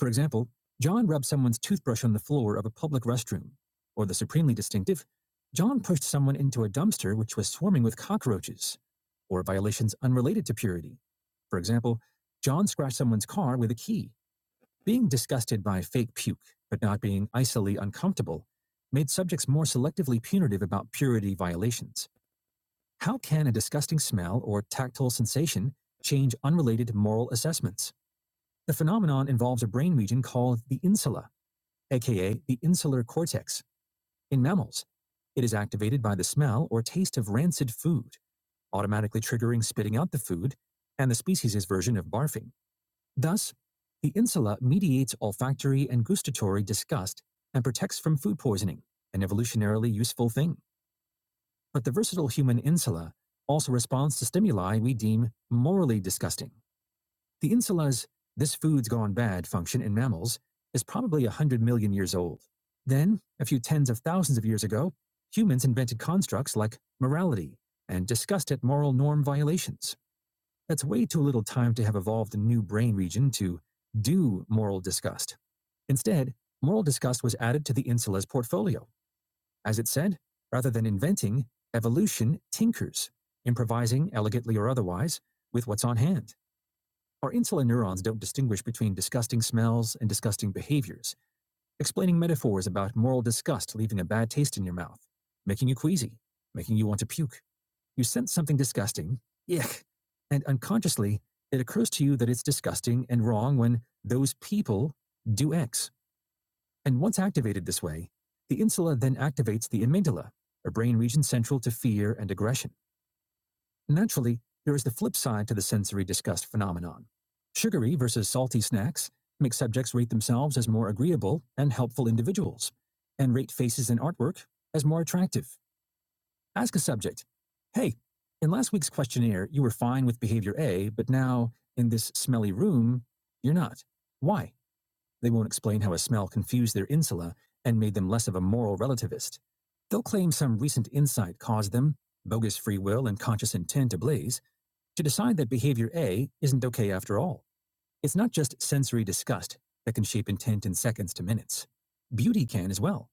For example, John rubbed someone's toothbrush on the floor of a public restroom, or the supremely distinctive, John pushed someone into a dumpster which was swarming with cockroaches, or violations unrelated to purity. For example, John scratched someone's car with a key, being disgusted by fake puke, but not being icily uncomfortable, made subjects more selectively punitive about purity violations. How can a disgusting smell or tactile sensation change unrelated moral assessments? The phenomenon involves a brain region called the insula, aka the insular cortex, in mammals. It is activated by the smell or taste of rancid food, automatically triggering spitting out the food and the species' version of barfing. Thus, the insula mediates olfactory and gustatory disgust and protects from food poisoning, an evolutionarily useful thing. But the versatile human insula also responds to stimuli we deem morally disgusting. The insula's this food's gone bad function in mammals is probably 100 million years old. Then, a few tens of thousands of years ago, humans invented constructs like morality and disgust at moral norm violations. That's way too little time to have evolved a new brain region to do moral disgust. Instead, moral disgust was added to the insula's portfolio. As it said, rather than inventing, evolution tinkers, improvising, elegantly or otherwise, with what's on hand. Our insula neurons don't distinguish between disgusting smells and disgusting behaviors, explaining metaphors about moral disgust leaving a bad taste in your mouth, making you queasy, making you want to puke. You sense something disgusting, yuck, and unconsciously, it occurs to you that it's disgusting and wrong when those people do X. And once activated this way, the insula then activates the amygdala, a brain region central to fear and aggression. Naturally, there is the flip side to the sensory disgust phenomenon. Sugary versus salty snacks make subjects rate themselves as more agreeable and helpful individuals, and rate faces and artwork as more attractive. Ask a subject. Hey, in last week's questionnaire, you were fine with behavior A, but now, in this smelly room, you're not. Why? They won't explain how a smell confused their insula and made them less of a moral relativist. They'll claim some recent insight caused them, bogus free will and conscious intent ablaze, to decide that behavior A isn't okay after all. It's not just sensory disgust that can shape intent in seconds to minutes. Beauty can as well.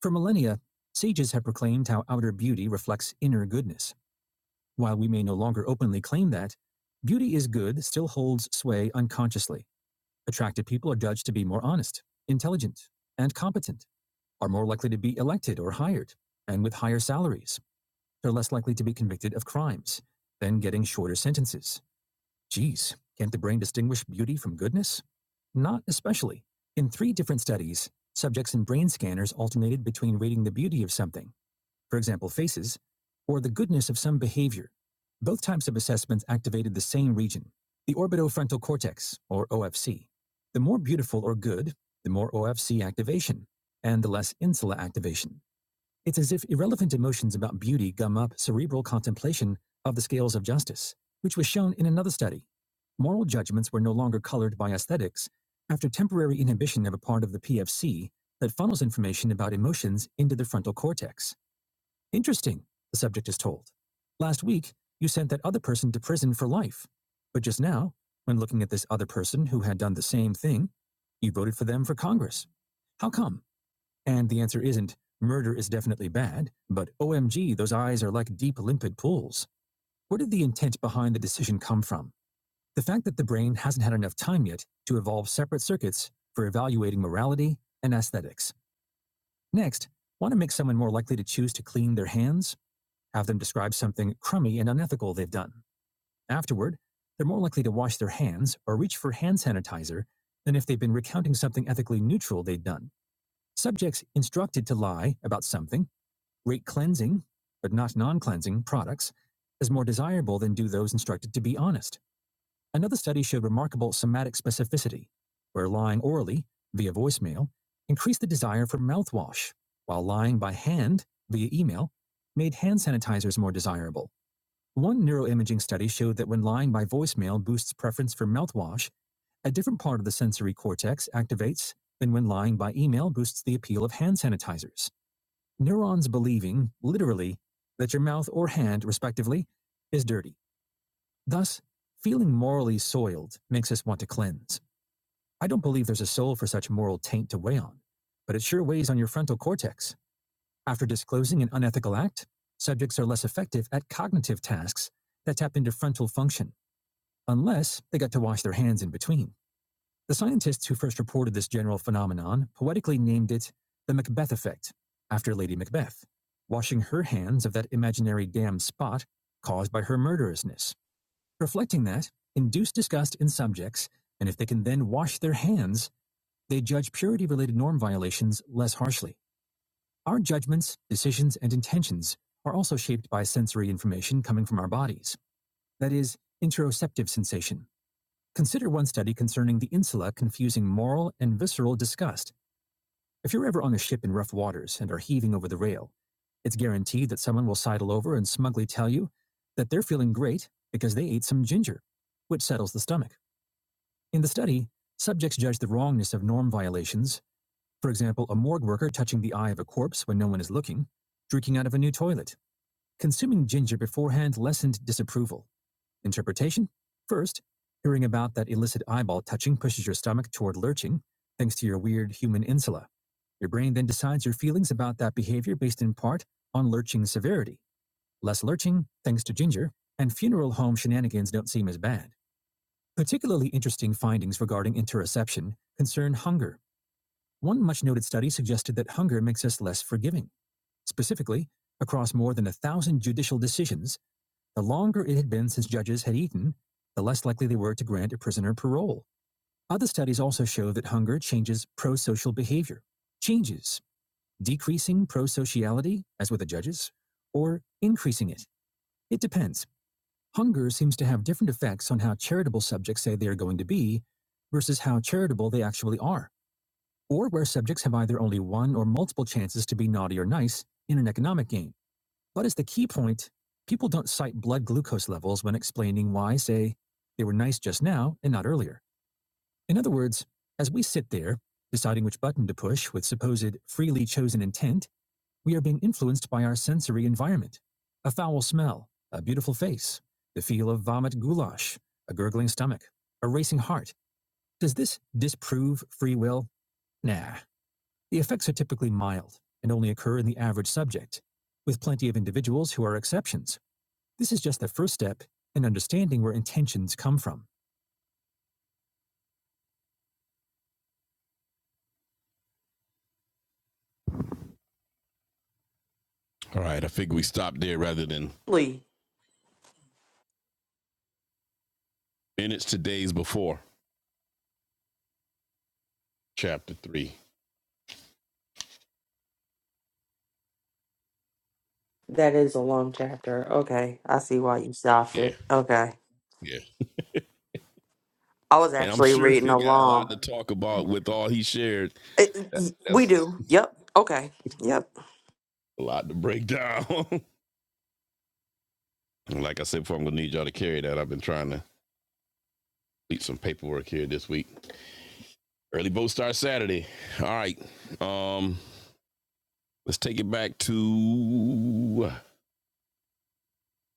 For millennia, sages have proclaimed how outer beauty reflects inner goodness. While we may no longer openly claim that, beauty is good still holds sway unconsciously. Attractive people are judged to be more honest, intelligent, and competent, are more likely to be elected or hired, and with higher salaries. They're less likely to be convicted of crimes, then getting shorter sentences. Geez, can't the brain distinguish beauty from goodness? Not especially. In three different studies, subjects in brain scanners alternated between rating the beauty of something for example, faces, or the goodness of some behavior. Both types of assessments activated the same region, the orbitofrontal cortex, or OFC. The more beautiful or good, the more OFC activation, and the less insula activation. It's as if irrelevant emotions about beauty gum up cerebral contemplation of the scales of justice, which was shown in another study. Moral judgments were no longer colored by aesthetics after temporary inhibition of a part of the PFC that funnels information about emotions into the frontal cortex. Interesting, the subject is told. Last week, you sent that other person to prison for life. But just now, when looking at this other person who had done the same thing, you voted for them for Congress. How come? And the answer isn't murder is definitely bad, but OMG, those eyes are like deep, limpid pools. Where did the intent behind the decision come from? The fact that the brain hasn't had enough time yet to evolve separate circuits for evaluating morality and aesthetics. Next, want to make someone more likely to choose to clean their hands? have them describe something crummy and unethical they've done. Afterward, they're more likely to wash their hands or reach for hand sanitizer than if they've been recounting something ethically neutral they've done. Subjects instructed to lie about something rate cleansing, but not non cleansing, products as more desirable than do those instructed to be honest. Another study showed remarkable somatic specificity, where lying orally, via voicemail, increased the desire for mouthwash, while lying by hand, via email, made hand sanitizers more desirable. One neuroimaging study showed that when lying by voicemail boosts preference for mouthwash, a different part of the sensory cortex activates than when lying by email boosts the appeal of hand sanitizers. Neurons believing, literally, that your mouth or hand, respectively, is dirty. Thus, feeling morally soiled makes us want to cleanse. I don't believe there's a soul for such moral taint to weigh on, but it sure weighs on your frontal cortex. After disclosing an unethical act, subjects are less effective at cognitive tasks that tap into frontal function. Unless they got to wash their hands in between. The scientists who first reported this general phenomenon poetically named it the Macbeth effect, after Lady Macbeth. Washing her hands of that imaginary damn spot caused by her murderousness. Reflecting that, induce disgust in subjects, and if they can then wash their hands, they judge purity related norm violations less harshly. Our judgments, decisions, and intentions are also shaped by sensory information coming from our bodies, that is, interoceptive sensation. Consider one study concerning the insula confusing moral and visceral disgust. If you're ever on a ship in rough waters and are heaving over the rail, it's guaranteed that someone will sidle over and smugly tell you that they're feeling great because they ate some ginger, which settles the stomach. In the study, subjects judged the wrongness of norm violations, for example, a morgue worker touching the eye of a corpse when no one is looking, drinking out of a new toilet. Consuming ginger beforehand lessened disapproval. Interpretation? First, hearing about that illicit eyeball touching pushes your stomach toward lurching, thanks to your weird human insula. Your brain then decides your feelings about that behavior based in part on lurching severity. Less lurching, thanks to ginger, and funeral home shenanigans don't seem as bad. Particularly interesting findings regarding interoception concern hunger. One much noted study suggested that hunger makes us less forgiving. Specifically, across more than a thousand judicial decisions, the longer it had been since judges had eaten, the less likely they were to grant a prisoner parole. Other studies also show that hunger changes pro social behavior. Changes decreasing pro sociality, as with the judges, or increasing it. It depends. Hunger seems to have different effects on how charitable subjects say they are going to be versus how charitable they actually are, or where subjects have either only one or multiple chances to be naughty or nice in an economic game. What is the key point? People don't cite blood glucose levels when explaining why, say, they were nice just now and not earlier. In other words, as we sit there, deciding which button to push with supposed freely chosen intent, we are being influenced by our sensory environment. A foul smell, a beautiful face, the feel of vomit goulash, a gurgling stomach, a racing heart. Does this disprove free will? Nah. The effects are typically mild and only occur in the average subject, with plenty of individuals who are exceptions. This is just the first step in understanding where intentions come from. All right, I figure we stop there rather than
Really?
minutes to days before chapter three.
That is a long chapter. Okay. I see why you stopped
Yeah,
it. Okay.
yeah.
I was
And I'm
actually
sure
reading
he got a lot
along.
to talk about with all he shared.
It,
That,
it- we
that's
do. Yep. Okay. Yep.
a lot to break down. like I said before, I'm gonna need y'all to carry that. I've been trying to complete some paperwork here this week. Early vote starts Saturday. All right. Um, let's take it back to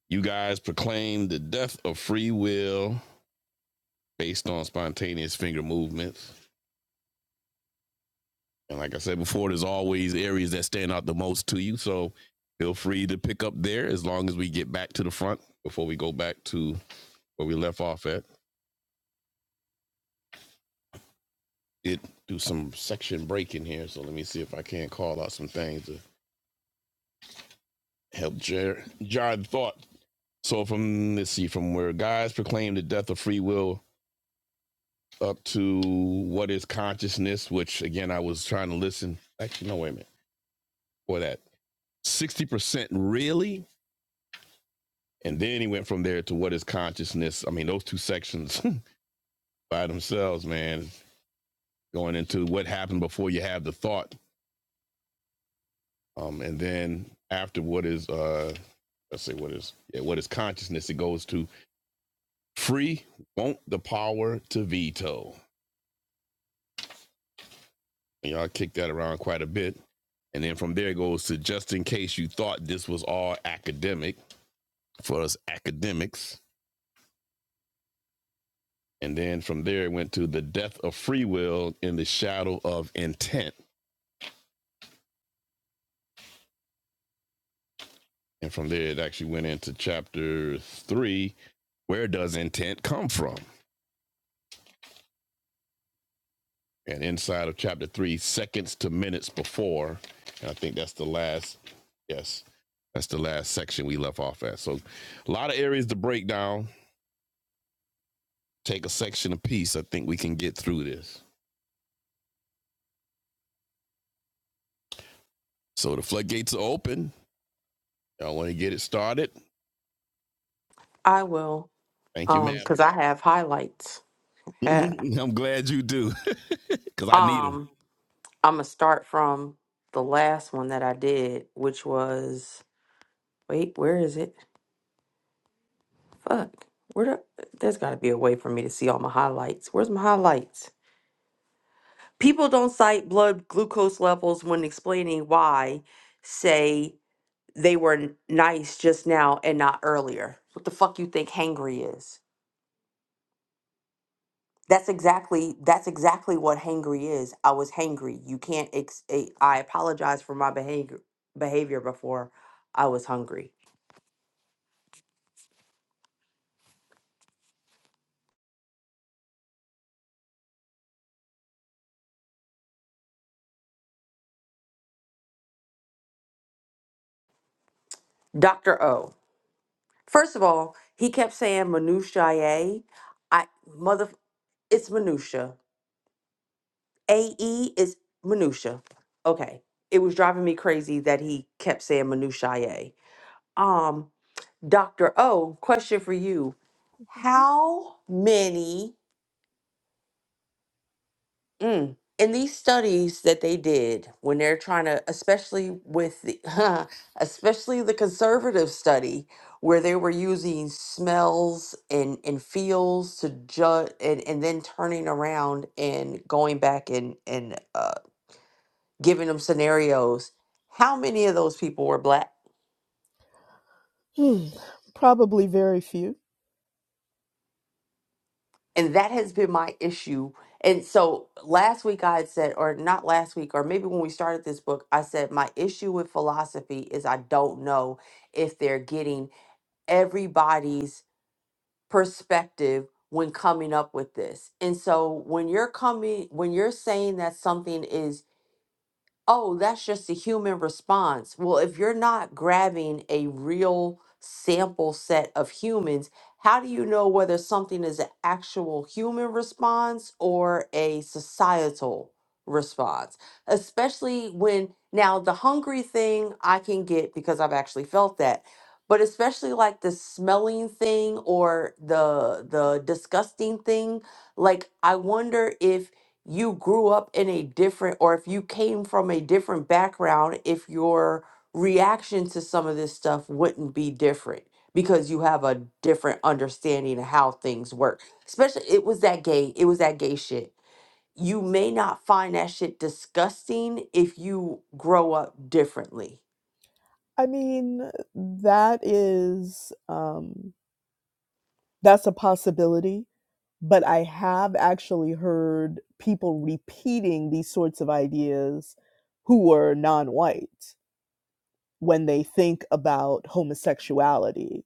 you guys Proclaim the death of free will based on spontaneous finger movements. And like I said before, there's always areas that stand out the most to you. So feel free to pick up there as long as we get back to the front before we go back to where we left off at. Did do some section break in here. So let me see if I can call out some things to help jar, jar the thought. So from let's see, from where guys proclaim the death of free will up to what is consciousness, which again I was trying to listen. Actually, no, wait a minute. For that. 60% really and then he went from there to what is consciousness. I mean, those two sections by themselves, man, going into what happened before you have the thought, um, and then after what is uh, let's say what is yeah, what is consciousness? It goes to free won't the power to veto. And y'all kicked that around quite a bit. And then from there it goes to just in case you thought this was all academic for us academics. And then from there it went to the death of free will in the shadow of intent And from there, it actually went into chapter three. Where does intent come from? And inside of chapter three, seconds to minutes before. And I think that's the last, yes, that's the last section we left off at. So a lot of areas to break down. Take a section apiece. I think we can get through this. So the floodgates are open. Y'all want to get it started?
I will.
Thank you,
Um, cause
madam.
I have highlights. Yeah.
I'm glad you do, because I need them.
Um, I'm gonna start from the last one that I did, which was wait, where is it? Fuck. Where the, there's gotta be a way for me to see all my highlights. Where's my highlights? People don't cite blood glucose levels when explaining why, say they were n- nice just now and not earlier. What the fuck you think hangry is? That's exactly that's exactly what hangry is. I was hangry. You can't ex- a- I apologize for my behavior behavior before I was hungry. Dr. O. First of all, he kept saying minutiae. I mother it's minutia. AE is minutia. Okay. It was driving me crazy that he kept saying minutiae. Um. Dr. O, question for you. How many mm, in these studies that they did when they're trying to, especially with the, especially the conservative study where they were using smells and, and feels to judge and, and then turning around and going back and, and uh, giving them scenarios. How many of those people were black?
Hmm, Probably very few.
And that has been my issue. And so last week I had said, or not last week, or maybe when we started this book, I said, my issue with philosophy is I don't know if they're getting everybody's perspective when coming up with this. And so when you're coming, when you're saying that something is oh, that's just a human response. Well, if you're not grabbing a real sample set of humans, how do you know whether something is an actual human response or a societal response? Especially when now the hungry thing I can get because I've actually felt that. But especially like the smelling thing or the the disgusting thing, like I wonder if you grew up in a different or if you came from a different background if your reaction to some of this stuff wouldn't be different because you have a different understanding of how things work especially it was that gay it was that gay shit you may not find that shit disgusting if you grow up differently
I mean, that is um, that's a possibility, but I have actually heard people repeating these sorts of ideas who were non-white when they think about homosexuality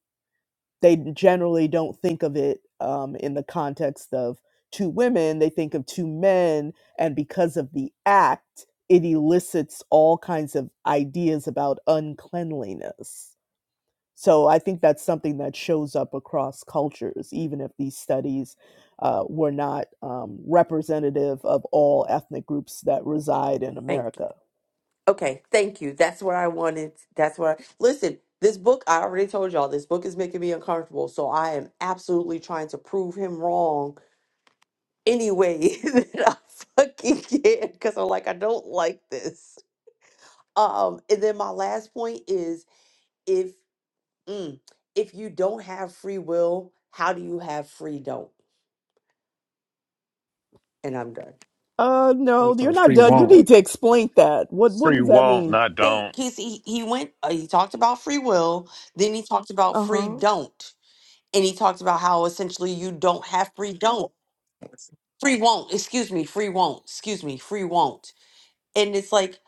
they generally don't think of it um, in the context of two women. They think of two men, and because of the act, it elicits all kinds of ideas about uncleanliness. So I think that's something that shows up across cultures, even if these studies uh, were not um, representative of all ethnic groups that reside in
thank you
America.
okay thank you that's what i wanted that's what I, listen this book i already told y'all this book is making me uncomfortable so i am absolutely trying to prove him wrong any way that I fucking can because I'm like, I don't like this. Um, and then my last point is if mm, if you don't have free will, how do you have free don't? And I'm done.
Uh,
So
no,
it's
you're
a
not
free
done. You
not
need to explain that. What What
Free
does that
won't,
mean?
not
They
don't.
because he, he went uh, he talked about free will, then he talked about
Uh
free
huh.
don't, and he talked about how essentially you don't have free don't free won't excuse me free won't excuse me free won't and it's like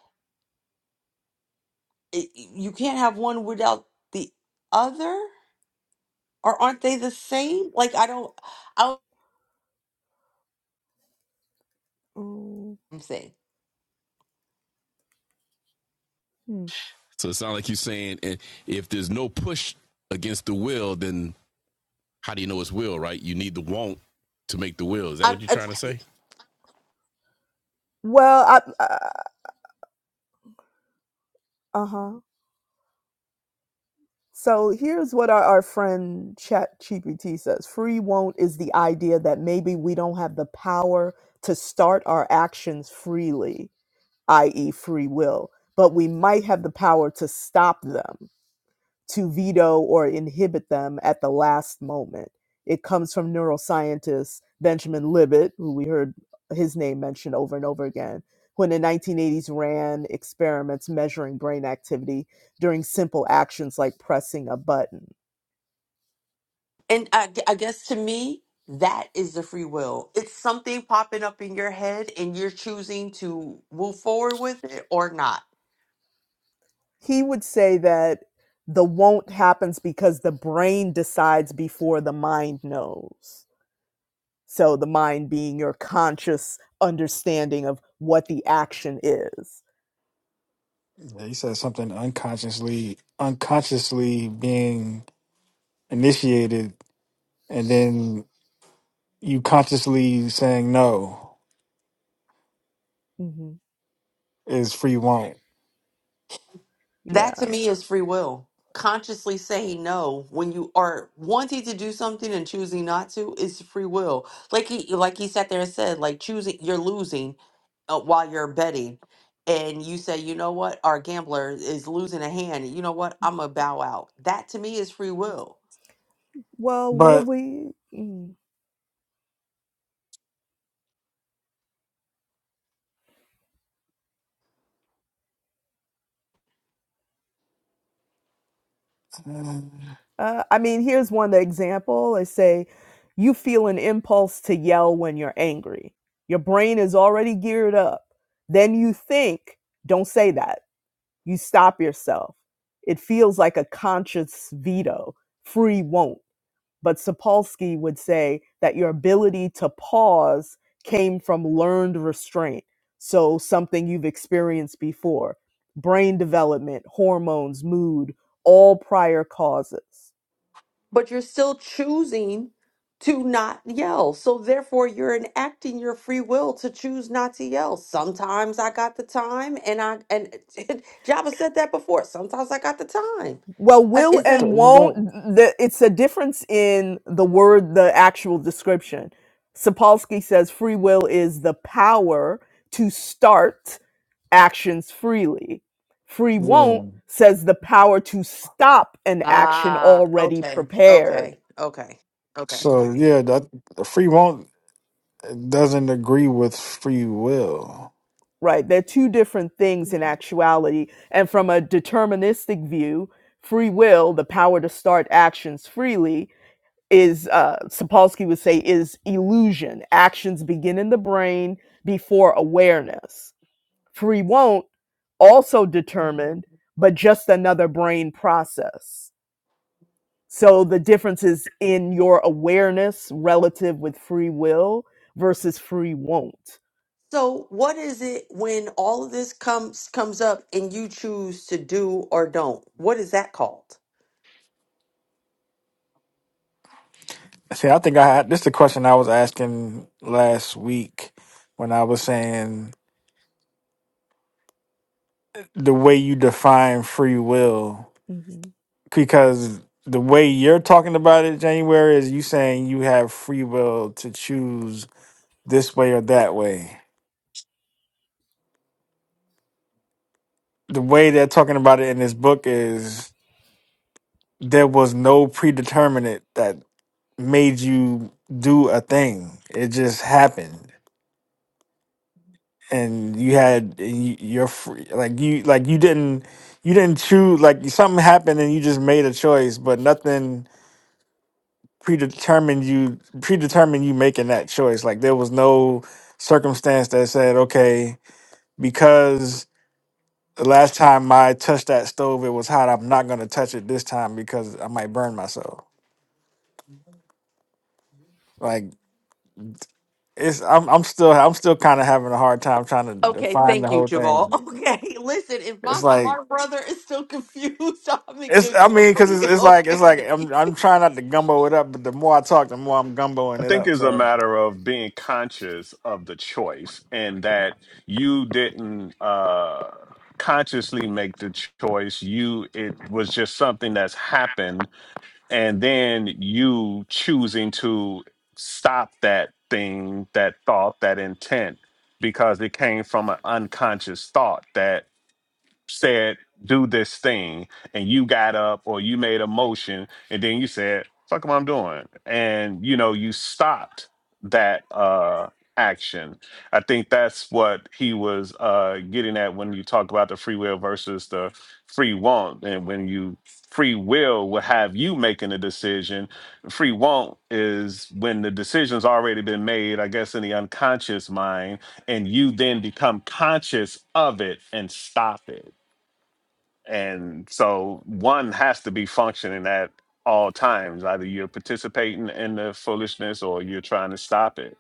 i- i- you can't have one without the other or aren't they the same? Like I don't, I don't
mm
I'm saying.
hmm.
So it sounds like you're saying eh, if there's no push against the will, then how do you know it's will, right? You need the won't to make the will. Is that
I,
what you're
I,
trying to say?
Well, I, I uh huh. So here's what our, our friend Chat GPT says: Free won't is the idea that maybe we don't have the power to start our actions freely, i.e., free will, but we might have the power to stop them. to veto or inhibit them at the last moment. It comes from neuroscientist Benjamin Libet, who we heard his name mentioned over and over again, who in the 1980s ran experiments measuring brain activity during simple actions like pressing a button.
and I, I guess to me, that is the free will. It's something popping up in your head, and you're choosing to move forward with it or not.
He would say that the won't happens because the brain decides before the mind knows. So, the mind being your conscious understanding of what the action is.
Yeah, you said something unconsciously, unconsciously being initiated, and then you consciously saying no
hmm
is free won't.
Yeah.
That to me is free will. Consciously saying no when you are wanting to do something and choosing not to is free will. Like he, like he sat there and said, like choosing, you're losing uh, while you're betting, and you say, you know what, our gambler is losing a hand. You know what, I'm gonna bow out. That to me is free will.
Well, what have
But
we? mm,
uh,
Uh, I mean, here's one example. I say, you feel an impulse to yell when you're angry. Your brain is already geared up. Then you think, don't say that. You stop yourself. It feels like a conscious veto, free won't. but Sapolsky would say that your ability to pause came from learned restraint. So something you've experienced before, brain development, hormones, mood, all prior causes.
but you're still choosing to not yell. So therefore you're enacting your free will to choose not to yell. Sometimes I got the time and I and Jabba said that before. Sometimes I got the time.
Well,
Uh,
will
Is that
so
and
it's
won't,
not-
the, it's a difference in the word, the actual description. Sapolsky says free will is the power to start actions freely. Free
yeah,
won't says the power to stop an action
Ah,
already
okay.
prepared.
Okay. Okay. Okay.
so yeah, that free won't doesn't agree with free will.
Right. They're two different things in actuality. And from a deterministic view, free will, the power to start actions freely, is uh Sapolsky would say is illusion. Actions begin in the brain before awareness. Free won't also determined, but just another brain process So the difference is in your awareness relative with free will versus free won't.
So what is it when all of this comes comes up and you choose to do or don't? What is that called?
See, I think I had this. Is the question I was asking last week when I was saying the way you define free will because the way you're talking about it, January, is you saying you have free will to choose this way or that way. The way they're talking about it in this book is there was no predeterminate that made you do a thing. It just happened, and you had and you- you're free. Like you, like you didn't, you didn't choose. Like something happened, and you just made a choice, but nothing. predetermined you predetermined you making that choice. Like there was no circumstance that said, okay, because the last time I touched that stove, it was hot. I'm not gonna touch it this time because I might burn myself. Like it's I'm I'm still I'm still kind of having a hard time trying to
Okay,
define the
thank you,
whole
Jamal.
thing.
hmm
Okay, listen, if my
It's like
smart brother is still confused, I'm in
it's
good
I mean because
company.
it's, it's like it's
Okay.
like I'm I'm trying not to gumbo it up, but the more I talk, the more I'm
I
gumboing it
think
up.
it's a
So.
matter of being conscious of the choice and that you didn't uh, consciously make the choice. You it was just something that's happened, and then you choosing to stop that thing, that thought, that intent because it came from an unconscious thought that said do this thing and you got up or you made a motion and then you said fuck am i doing and you know you stopped that uh action i think that's what he was uh getting at when you talk about the free will versus the free want and when you free will will have you making a decision free want is when the decision's already been made i guess in the unconscious mind and you then become conscious of it and stop it and so one has to be functioning at all times. Either you're participating in the foolishness or you're trying to stop it.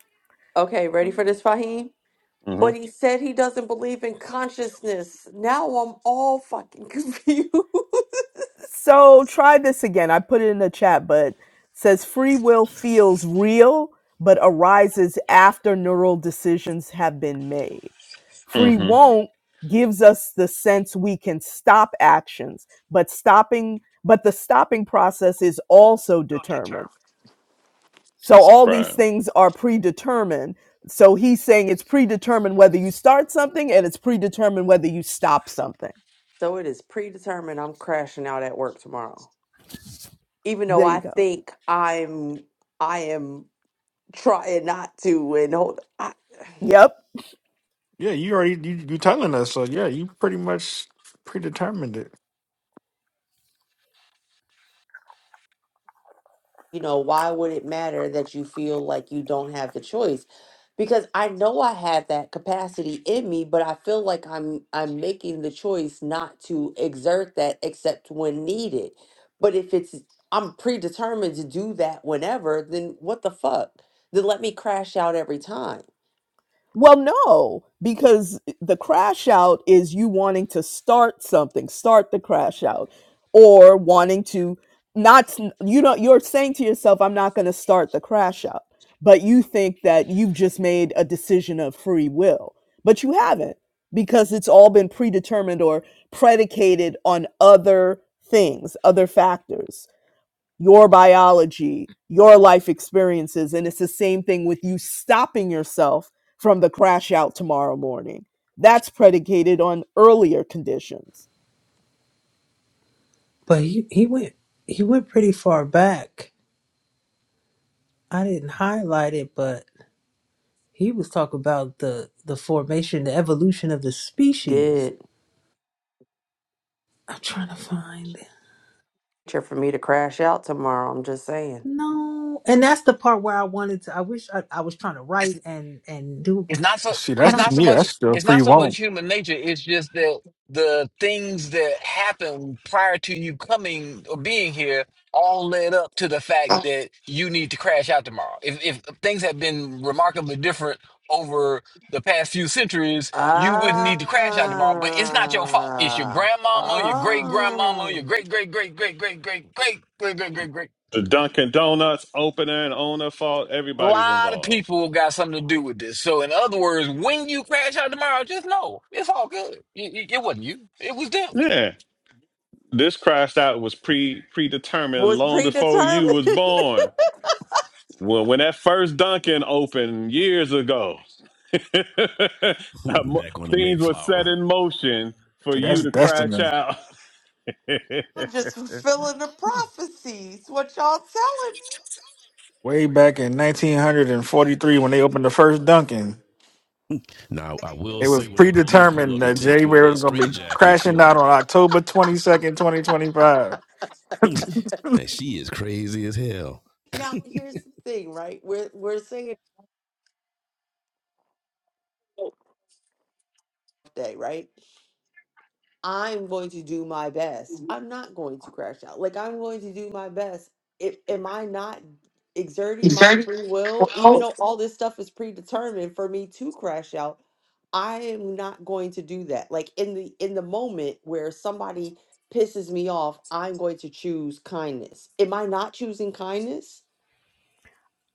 Okay, ready for this, Fahim?
hmm
But he said he doesn't believe in consciousness. Now I'm all fucking confused.
So try this again. I put it in the chat, but it says free will feels real, but arises after neural decisions have been made. Free
hmm
won't gives us the sense we can stop actions, but stopping, but the stopping process is also determined. So all these
Right.
things are predetermined. So he's saying it's predetermined whether you start something and it's predetermined whether you stop something.
so it is predetermined I'm crashing out at work tomorrow. Even though
There you
I
go.
think I'm I am trying not to and hold I
Yep.
Yeah, you already you you telling us, so yeah, you pretty much predetermined it.
you know, why would it matter that you feel like you don't have the choice? Because I know I have that capacity in me, but I feel like I'm I'm making the choice not to exert that except when needed. But if it's I'm predetermined to do that whenever, then what the fuck? Then let me crash out every time.
Well, no, because the crash out is you wanting to start something, start the crash out, or wanting to not, s- you know, you're saying to yourself, I'm not going to start the crash out, but you think that you've just made a decision of free will, but you haven't because it's all been predetermined or predicated on other things, other factors your biology, your life experiences. And it's the same thing with you stopping yourself from the crash out tomorrow morning. That's predicated on earlier conditions
But he, he went he went pretty far back. I didn't highlight it, but he was talking about the the formation, the evolution of the species.
Did
I'm trying to find it.
cheer for me to crash out tomorrow. I'm just saying.
No, and that's the part where I wanted to. I wish I, I was trying to
it's
write and and do. it.
it's not so
See,
I
it's
that's
don't.
to
not so
me,
much
that's still
it's
free
not so much
won't.
human nature. It's just that the things that happen prior to you coming or being here all led up to the fact that you need to crash out tomorrow. If if things have been remarkably different over the past few centuries, you wouldn't need to crash out tomorrow. But it's not your fault. It's your
Ah,
grandmama, your great grandmama,
ah,
your great great great great great great great great great great great great
The Dunkin' Donuts opener and owner fault,
A
everybody's
lot of
involved.
people got something to do with this. So, in other words, when you crash out tomorrow, just know it's all good. It, it- it wasn't you; it was them.
Yeah. This crashed out was pre predetermined
was
long before you
predetermined.
was born. Well, when that first Dunkin' opened years ago,
Back on the
things were set
Mayflower.
in motion for
See,
you
that's
to crash
destiny.
out.
I'm just fulfilling the prophecies. What y'all telling
Way back in 1943, when they opened the first Dunkin',
Now, I will
it
say
was
when the police pull up
predetermined
to
that
take
Jay
you in
Ware
that
was going to be
straitjacket, you
crashing
know,
out on October 22nd, 2025.
that she is crazy as hell.
me? Now, here's the thing, right? We're we're saying today, right? I'm going to do my best. I'm not going to crash out. Like I'm going to do my best. If am I not exerting my
Dirty
free will, even
well.
though all this stuff is predetermined for me to crash out, I am not going to do that. Like in the in the moment where somebody pisses me off, I'm going to choose kindness. Am I not choosing kindness?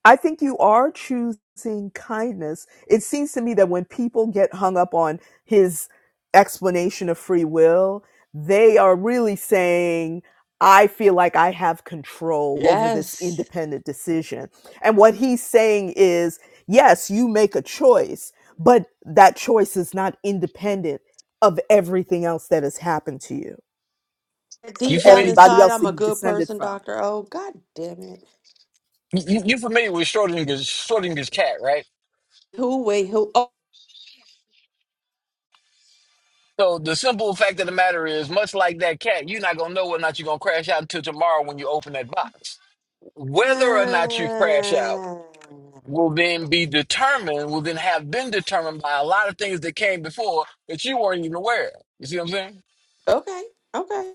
I think you are choosing kindness. It seems to me that when people get hung up on his explanation of free will, they are really saying, I feel like I have control over this
Yes.
independent decision. And what he's saying is, yes, you make a choice, but that choice is not independent of everything else that has happened to you, of
You
Deep down
familiar?
everybody
inside,
else
I'm
that
a
you've
good
descended
person,
from.
Doctor O. God damn it!
You, you familiar with Schrodinger's Schrodinger's cat, right?
Who wait? Who? Oh.
So, the simple fact of the matter is, much like that cat, you're not gonna know whether or not you're gonna crash out until tomorrow when you open that box. Whether or not you crash out
uh,
will then be determined, will then have been determined by a lot of things that came before that you weren't even aware of. You see what I'm saying?
okay, okay.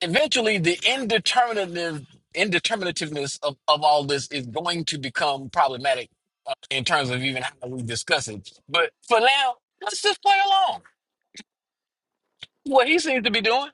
eventually the indeterminative indeterminativeness of, of all this is going to become problematic uh, in terms of even how we discuss it. But for now, let's just play along. What he seems to be doing,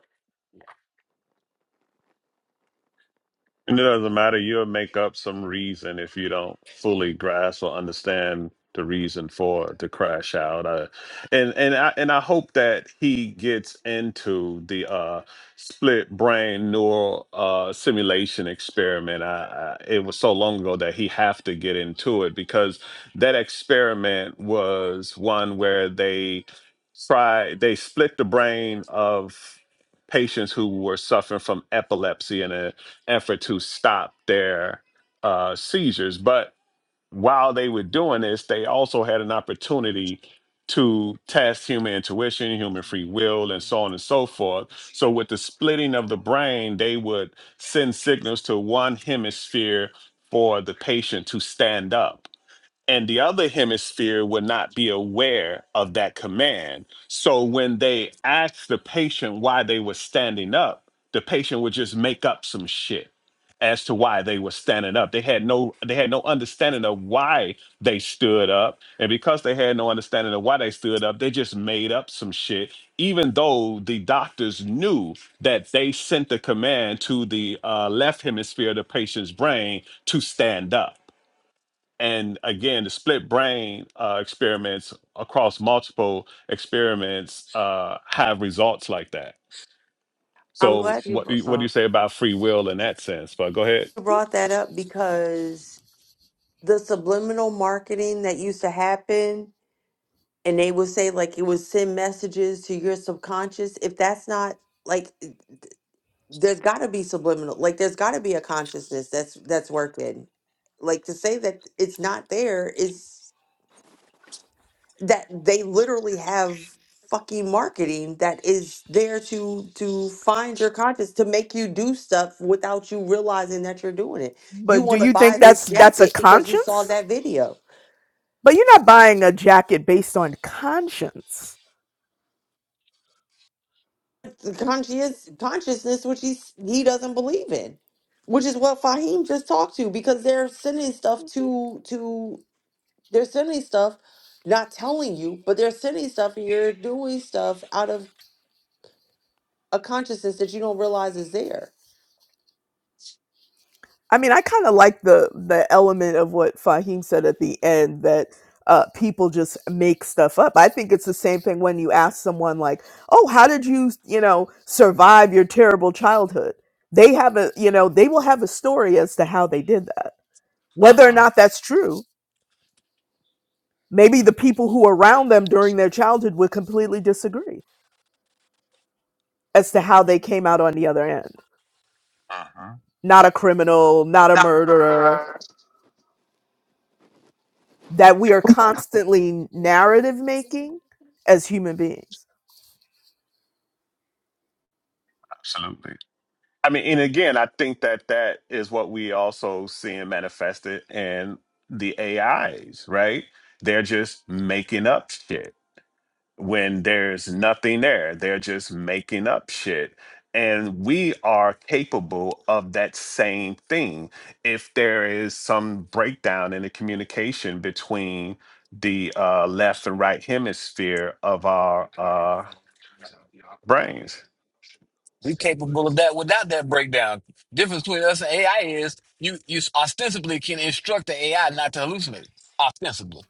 And it doesn't matter. You'll make up some reason if you don't fully grasp or understand the reason for the crash out. Uh, and and I and I hope that he gets into the uh, split brain neural uh, simulation experiment. I, I, it was so long ago that he have to get into it because that experiment was one where they try they split the brain of patients who were suffering from epilepsy and effort to stop their uh, seizures. But while they were doing this, they also had an opportunity to test human intuition, human free will, and so on and so forth. So, with the splitting of the brain, they would send signals to one hemisphere for the patient to stand up and the other hemisphere will not be aware of that command. So when they asked the patient why they were standing up, the patient would just make up some shit as to why they were standing up. They had no they had no understanding of why they stood up. And because they had no understanding of why they stood up, they just made up some shit even though the doctors knew that they sent the command to the uh, left hemisphere of the patient's brain to stand up and again the split brain uh, experiments across multiple experiments uh, have results like that
I'm
so
glad you
what
br-
do you- what do you
uh,
say about free will in that sense but go ahead
you brought that up because the subliminal marketing that used to happen, and they would say like it would send messages to your subconscious. If that's not like, th- there's got to be subliminal. Like there's got to be a consciousness that's that's working. Like to say that it's not there is. that they literally have fucking marketing that is there to to find your conscience to make you do stuff without you realizing that you're doing it. You
But do
want to
you
buy
think
this
that's that's a
jacket because you saw
conscience?
that video.
But you're not buying a jacket based on conscience.
The Conscious consciousness, which he's he doesn't believe in, which is what Fahim just talked to because they're sending stuff to to they're sending stuff, not telling you, but they're sending stuff and you're doing stuff out of a consciousness that you don't realize is there
I mean, I kind of like the the element of what Fahim said at the end that uh, people just make stuff up. I think it's the same thing when you ask someone like, "Oh, how did you, you know, survive your terrible childhood?" They have a, you know, they will have a story as to how they did that. Whether or
Uh-huh.
not that's true, maybe the people who were around them during their childhood would completely disagree as to how they came out on the other end.
Uh-huh.
Not a criminal, not a
Nah,
murderer, that we are constantly narrative making as human beings.
Absolutely. i mean and again i think that that is what we also seeing manifested in the ais right they're just making up shit when there's nothing there. They're just making up shit. And we are capable of that same thing. If there is some breakdown in the communication between the uh, left and right hemisphere of our uh, brains.
we capable of that without that breakdown. Difference between us and AI is you you ostensibly can instruct the AI not to hallucinate. Ostensibly.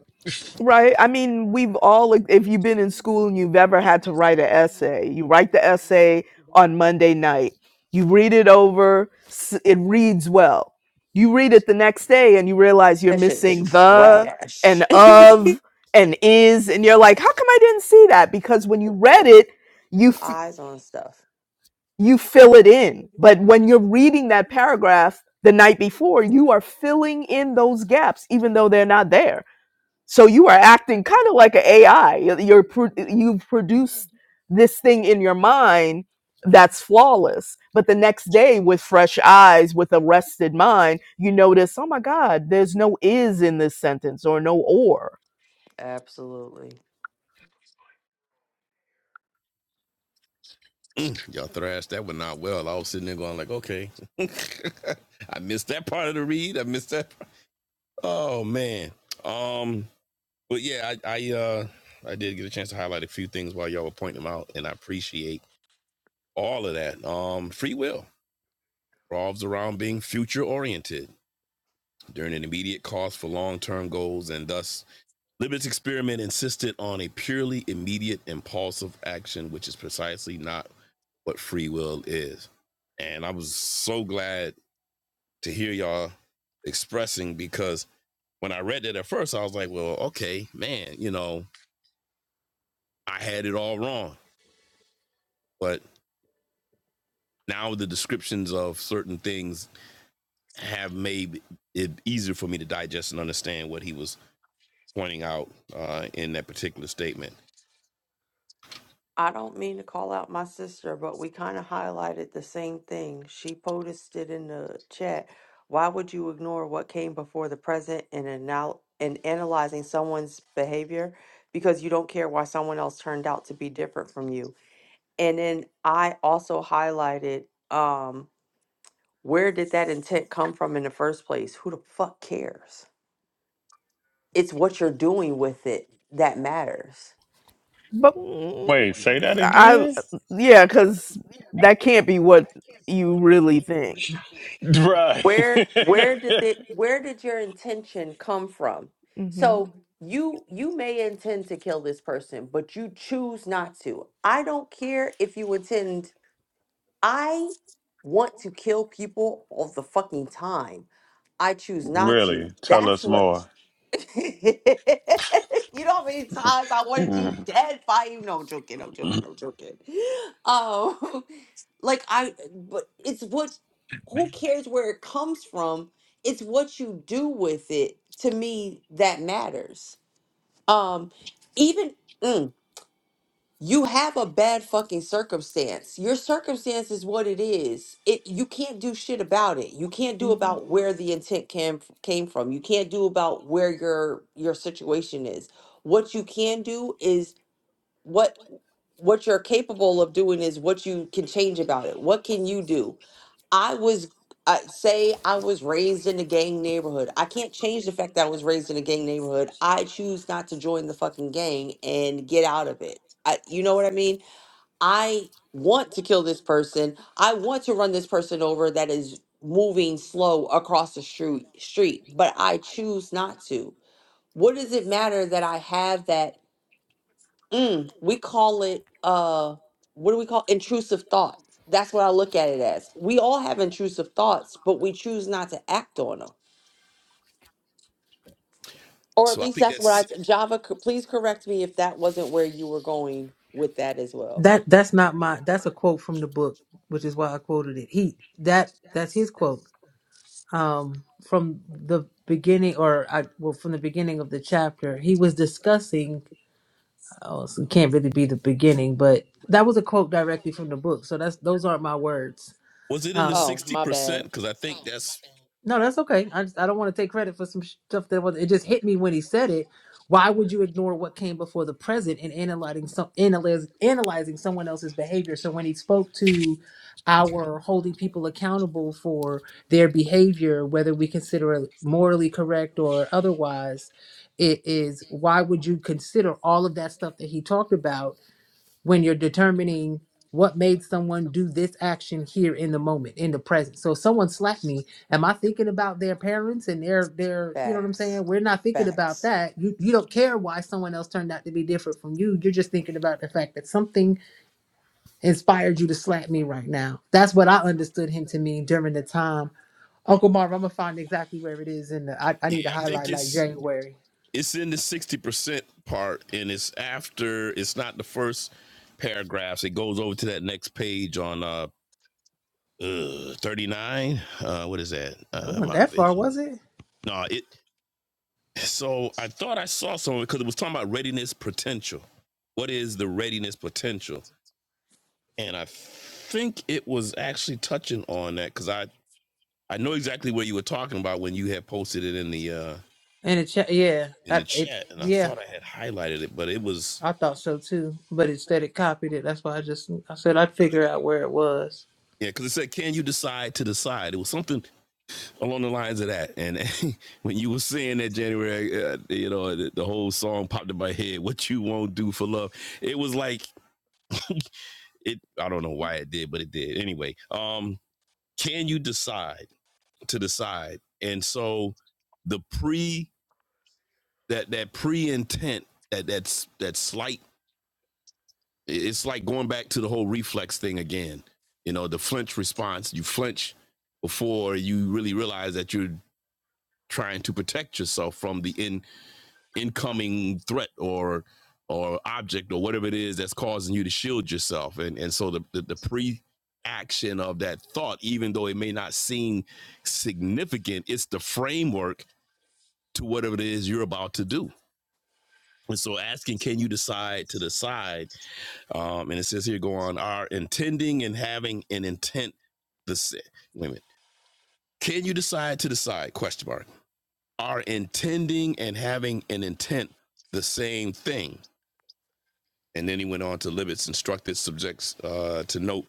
Right. I mean, we've all, like, if you've been in school and you've ever had to write an essay, you write the essay on Monday night, you read it over, s- it reads well. You read it the next day and you realize you're
That shit is
missing the
trash.
and of and is. And you're like, how come I didn't see that? Because when you read it, you, f-
Eyes on stuff.
you fill it in. But when you're reading that paragraph the night before, you are filling in those gaps, even though they're not there so you are acting kind of like an AI. You're you're pro- you've produced this thing in your mind that's flawless. But the next day, with fresh eyes, with a rested mind, you notice, oh my God, there's no is in this sentence or no or.
Absolutely.
Mm, Y'all thrashed that one out well. I was sitting there going like, okay, I missed that part of the read. I missed that. Oh man. Um. But yeah, I I uh I did get a chance to highlight a few things while y'all were pointing them out, and I appreciate all of that. Um, free will. revolves around being future oriented during an immediate cost for long term goals, and thus Libet's experiment insisted on a purely immediate impulsive action, which is precisely not what free will is. And I was so glad to hear y'all expressing because when I read that at first, I was like, well, okay, man, you know, I had it all wrong. But now the descriptions of certain things have made it easier for me to digest and understand what he was pointing out uh, in that particular statement.
I don't mean to call out my sister, but we kind of highlighted the same thing. She posted in the chat. Why would you ignore what came before the present in anal- in analyzing someone's behavior because you don't care why someone else turned out to be different from you? And then I also highlighted um, where did that intent come from in the first place? Who the fuck cares? It's what you're doing with it that matters.
But mm,
Wait, say that
I,
again?
yeah, because that can't be what you really think.
Right.
Where where did it where did your intention come from?
hmm
So you you may intend to kill this person, but you choose not to. I don't care if you intend I want to kill people all the fucking time. I choose not to.
really? Tell
That's
us
what.
more.
you know how many times I wanted you
Mm.
dead by you? No, I'm joking. I'm joking. I'm joking. Um, like I, but it's what. Who cares where it comes from? It's what you do with it. To me, that matters. Um, even. mm, you have a bad fucking circumstance. Your circumstance is what it is. It you can't do shit about it. You can't do
hmm
about where the intent came came from. You can't do about where your your situation is. What you can do is what what you're capable of doing is what you can change about it. What can you do? I was uh, say I was raised in a gang neighborhood. I can't change the fact that I was raised in a gang neighborhood. I choose not to join the fucking gang and get out of it. I, you know what I mean? I want to kill this person. I want to run this person over that is moving slow across the street street, but I choose not to. What does it matter that I have that Mm, we call it uh what do we call intrusive thought. That's what I look at it as. We all have intrusive thoughts, but we choose not to act on them. Or at
So I
least
think
that's what
that's
I Java, c- please correct me if that wasn't where you were going with that as well.
That that's not my. That's a quote from the book, which is why I quoted it. He that that's his quote. Um, from the beginning, or I well, from the beginning of the chapter, he was discussing Oh, so it can't really be the beginning, but that was a quote directly from the book. So that's those aren't my words.
was it in the
Um,
Oh,
sixty
my
percent?
bad.
Because I think that's
no, that's okay. I just I don't want to take credit for some stuff that was. It just hit me when he said it. Why would you ignore what came before the present and analyzing some analyze, analyzing someone else's behavior? So when he spoke to our holding people accountable for their behavior, whether we consider it morally correct or otherwise, it is why would you consider all of that stuff that he talked about? when you're determining what made someone do this action here in the moment in the present so if someone slapped me am i thinking about their parents and their their you know what i'm
Facts.
saying we're not thinking about
Facts.
that you you don't care why someone else turned out to be different from you you're just thinking about the fact that something inspired you to slap me right now that's what i understood him to mean during the time uncle marv i'm gonna find exactly where it is in the i, I need to
yeah, I
highlight
think
like
it's
january
it's in the sixty percent part, and it's after it's not the first paragraphs. It goes over to that next page on uh, uh thirty nine. Uh, what is that?
It
Uh,
wasn't
my
that far
vision.
was it
No, it So I thought I saw someone because it was talking about readiness potential. What is the readiness potential? And I think it was actually touching on that because I I know exactly what you were talking about when you had posted it in the uh
in the chat yeah
in the
that it
chat, and I
yeah
thought I had highlighted it, but it was
I thought so too, but instead it copied it. That's why I just I said I'd figure out where it was.
yeah because it said, "Can you decide to decide?" It was something along the lines of that. And when you were saying that January, uh, you know, the, the whole song popped in my head. What you won't do for love, it was like It I don't know why it did, but it did. Anyway, um, can you decide to decide? And so the pre that that pre intent that that's that slight it's like going back to the whole reflex thing again. You know, the flinch response, you flinch before you really realize that you're trying to protect yourself from the in incoming threat or or object or whatever it is that's causing you to shield yourself and and so the the, the pre action of that thought even though it may not seem significant it's the framework to whatever it is you're about to do and so asking can you decide to decide um and it says here go on are intending and having an intent the sa- wait a minute can you decide to decide question mark are intending and having an intent the same thing And then he went on to Libet's instructed subjects uh, to note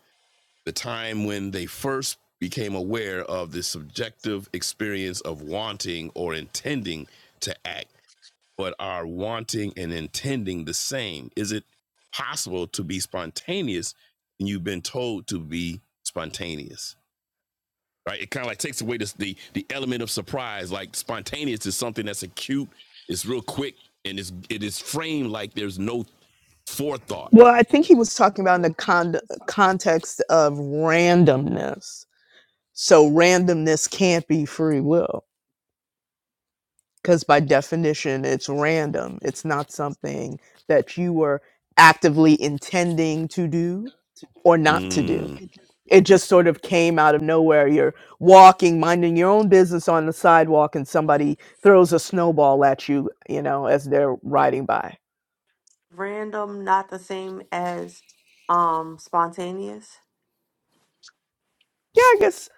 the time when they first became aware of the subjective experience of wanting or intending to act, but are wanting and intending the same. Is it possible to be spontaneous and you've been told to be spontaneous? Right? It kind of like takes away this, the the element of surprise. Like spontaneous is something that's acute, it's real quick, and it's it is framed like there's no forethought
Well, I think he was talking about in the con- context of randomness So randomness can't be free will because by definition it's random. It's not something that you were actively intending to do or not to do.
Mm,
It just sort of came out of nowhere. You're walking, minding your own business on the sidewalk and somebody throws a snowball at you, you know, as they're riding by.
Random, not the same as um spontaneous.
Yeah, I guess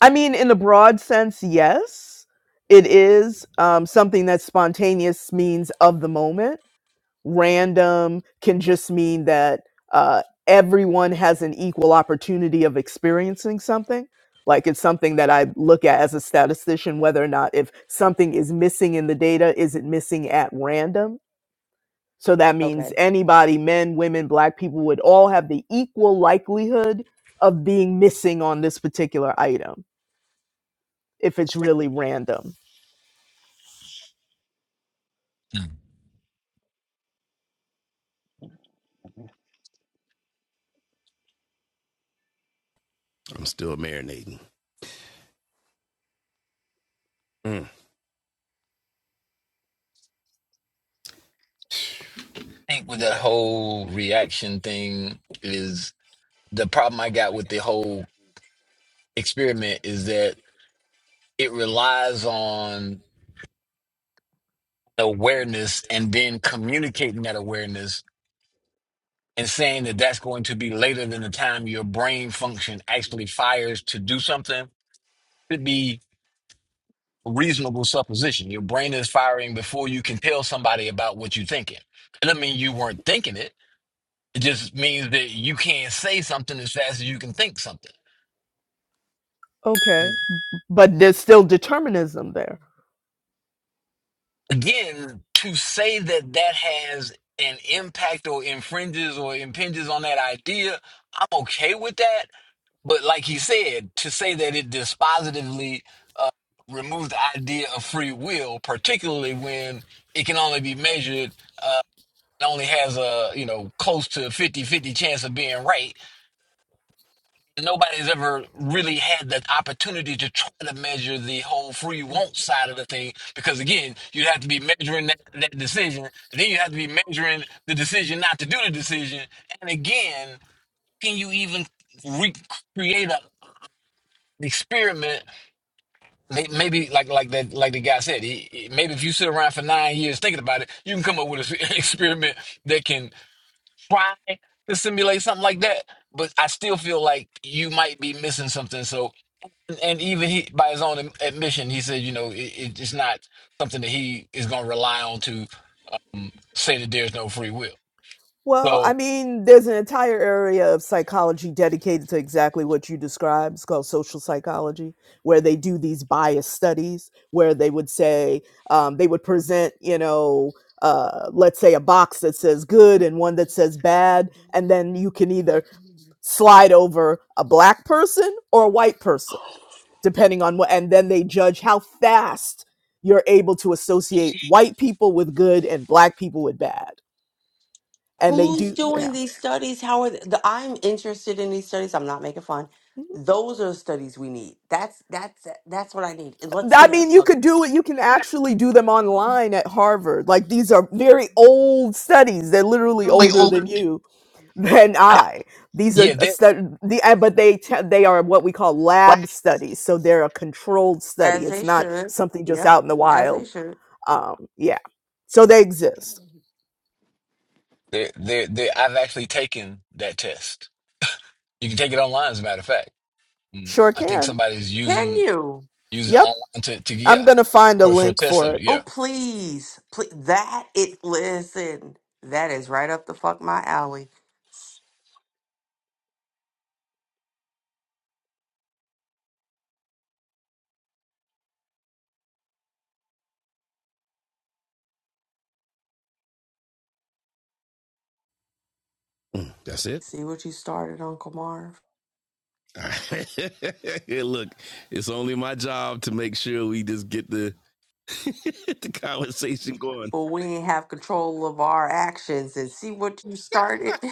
I mean in the broad sense, yes. It is um, something that's spontaneous means of the moment Random can just mean that uh, everyone has an equal opportunity of experiencing something. Like it's something that I look at as a statistician whether or not if something is missing in the data, is it missing at random? So that
Okay.
means anybody, men, women, black people, would all have the equal likelihood of being missing on this particular item if it's really random.
Hmm.
I'm still marinating. Mm,
I think with that
yeah.
whole reaction thing is the problem I got with the whole experiment is that it relies on awareness and then communicating that awareness and saying that that's going to be later than the time your brain function actually fires to do something could be a reasonable supposition. Your brain is firing before you can tell somebody about what you're thinking. It doesn't mean you weren't thinking it. It just means that you can't say something as fast as you can think something.
Okay.
And
But there's still determinism there
again, to say that that has an impact or infringes or impinges on that idea, I'm okay with that But like he said, to say that it dispositively uh, removes the idea of free will, particularly when it can only be measured and only has a, you know, close to fifty-fifty chance of being right, nobody's ever really had that opportunity to try to measure the whole free won't side of the thing. Because again, you'd have to be measuring that, that decision, and then you have to be measuring the decision not to do the decision. And again, can you even recreate an experiment May- Maybe like like that like the guy said, he, he- maybe if you sit around for nine years thinking about it, you can come up with an experiment that can try to simulate something like that. But I still feel like you might be missing something. So, and even he, by his own admission, he said, you know, it, it- it's not something that he is going to rely on to say that there's no free will.
Well, I
So,
mean, there's an entire area of psychology dedicated to exactly what you described. It's called social psychology, where they do these bias studies, where they would say, um, they would present, you know, uh, let's say a box that says good and one that says bad. And then you can either slide over a black person or a white person, depending on what. And then they judge how fast you're able to associate white people with good and black people with bad. And they
Who's
do,
doing
yeah.
these studies? How are they? The, I'm interested in these studies. I'm not making fun. Those are the studies we need. That's that's that's what I need. And let's
I
get it
mean,
Yes.
you could do it. You can actually do them online at Harvard. Like these are very old studies. They're literally
really
older
older.
than
than
you, than
I
I. These are
yeah,
a
that
stud- the uh, but they t- they are what we call
was.
lab studies. So they're a controlled study.
as
It's
they
not
should.
something just
Yep,
out in the
as they
wild.
should.
Um, yeah. So they exist.
there, there, there, I've actually taken that test. You can take it online, as a matter of fact. Mm,
Sure
I think
can.
somebody's
Can
using
you?
using
Yep.
online to, to yeah.
I'm gonna find a
For for
link
test
for it.
yeah.
Oh please, please. That it. Listen, that is right up the fuck my alley. S-
Mm, that's it.
See what you started, Uncle Marv.
All right. Hey, Look, it's only my job to make sure we just get the the conversation going.
But we ain't have control of our actions, and see what you started.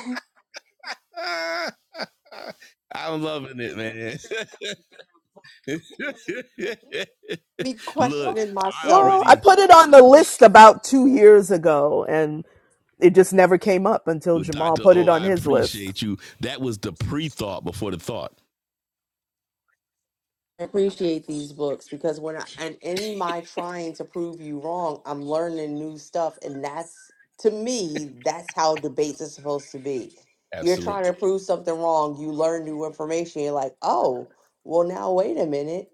Ah, I'm loving it, man.
Me
Look,
questioning
I
myself.
Well, I
already
put it on the list about two years ago, and it just never came up until
with
Jamal
Dr.
put
O,
it on
I
his list.
appreciate you. That was the pre thought before the thought.
I appreciate these books because when I and in my trying to prove you wrong, I'm learning new stuff, and that's to me, that's how debates are supposed to be. You're
Absolutely.
trying to prove something wrong, you learn new information, you're like, oh, well, now wait a minute.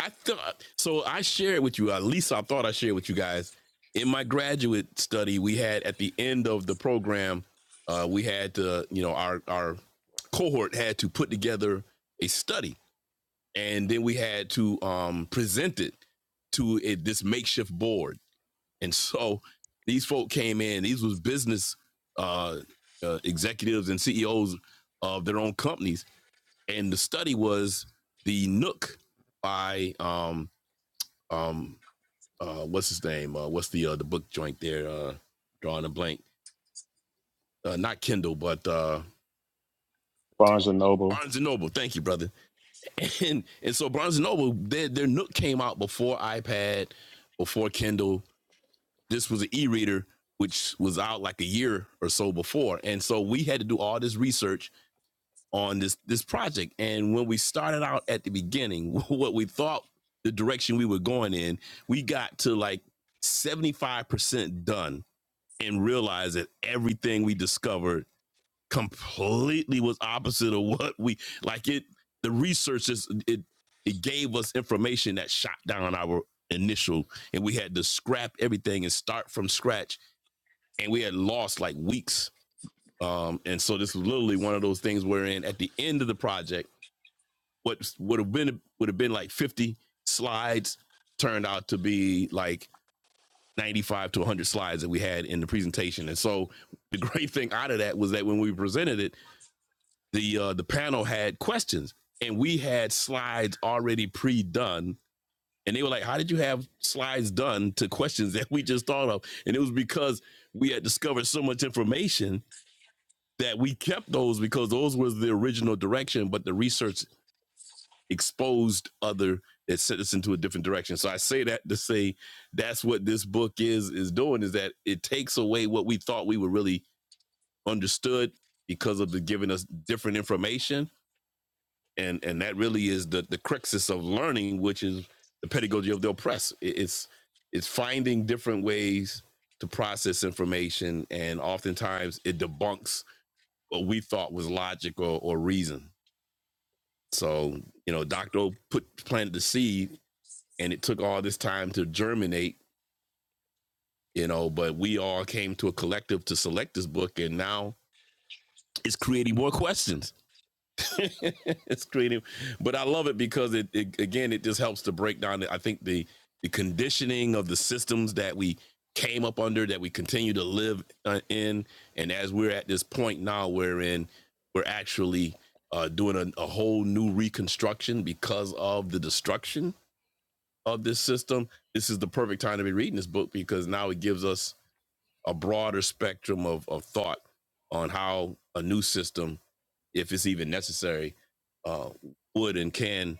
I thought so. I shared with you. At least I thought I shared with you guys in my graduate study. We had at the end of the program, uh, we had to, you know, our our cohort had to put together a study, and then we had to um, present it to a, this makeshift board. And so these folk came in. These was business uh, uh, executives and CEOs of their own companies, and the study was the Nook by um, um uh what's his name uh what's the uh the book joint there uh drawing a blank uh not kindle but uh
Barnes and Noble.
barnes and noble thank you brother and and so barnes and noble their their nook came out before ipad before kindle this was an e-reader which was out like a year or so before and so we had to do all this research on this this project and when we started out at the beginning what we thought the direction we were going in we got to like 75% done and realize that everything we discovered completely was opposite of what we like it the research is it it gave us information that shot down our initial and we had to scrap everything and start from scratch and we had lost like weeks um and so this was literally one of those things wherein at the end of the project what would have been would have been like 50 slides turned out to be like 95 to 100 slides that we had in the presentation. And so the great thing out of that was that when we presented it, the uh, the panel had questions and we had slides already pre-done. And they were like, "How did you have slides done to questions that we just thought of?" And it was because we had discovered so much information that we kept those because those was the original direction, but the research exposed other that sent us into a different direction. So I say that to say that's what this book is is doing is that it takes away what we thought we were really understood because of the giving us different information. And and that really is the the cruxus of learning, which is the pedagogy of the oppressed. It's it's finding different ways to process information and oftentimes it debunks what we thought was logic or, or reason. So, you know, Dr. O put planted the seed and it took all this time to germinate, you know, but we all came to a collective to select this book and now it's creating more questions. it's creating, but I love it because it, it again, it just helps to break down. the- I think the, the conditioning of the systems that we came up under that we continue to live uh, in. And as we're at this point now, we're in, we're actually uh, doing a, a whole new reconstruction because of the destruction of this system, this is the perfect time to be reading this book because now it gives us a broader spectrum of, of thought on how a new system, if it's even necessary, uh, would and can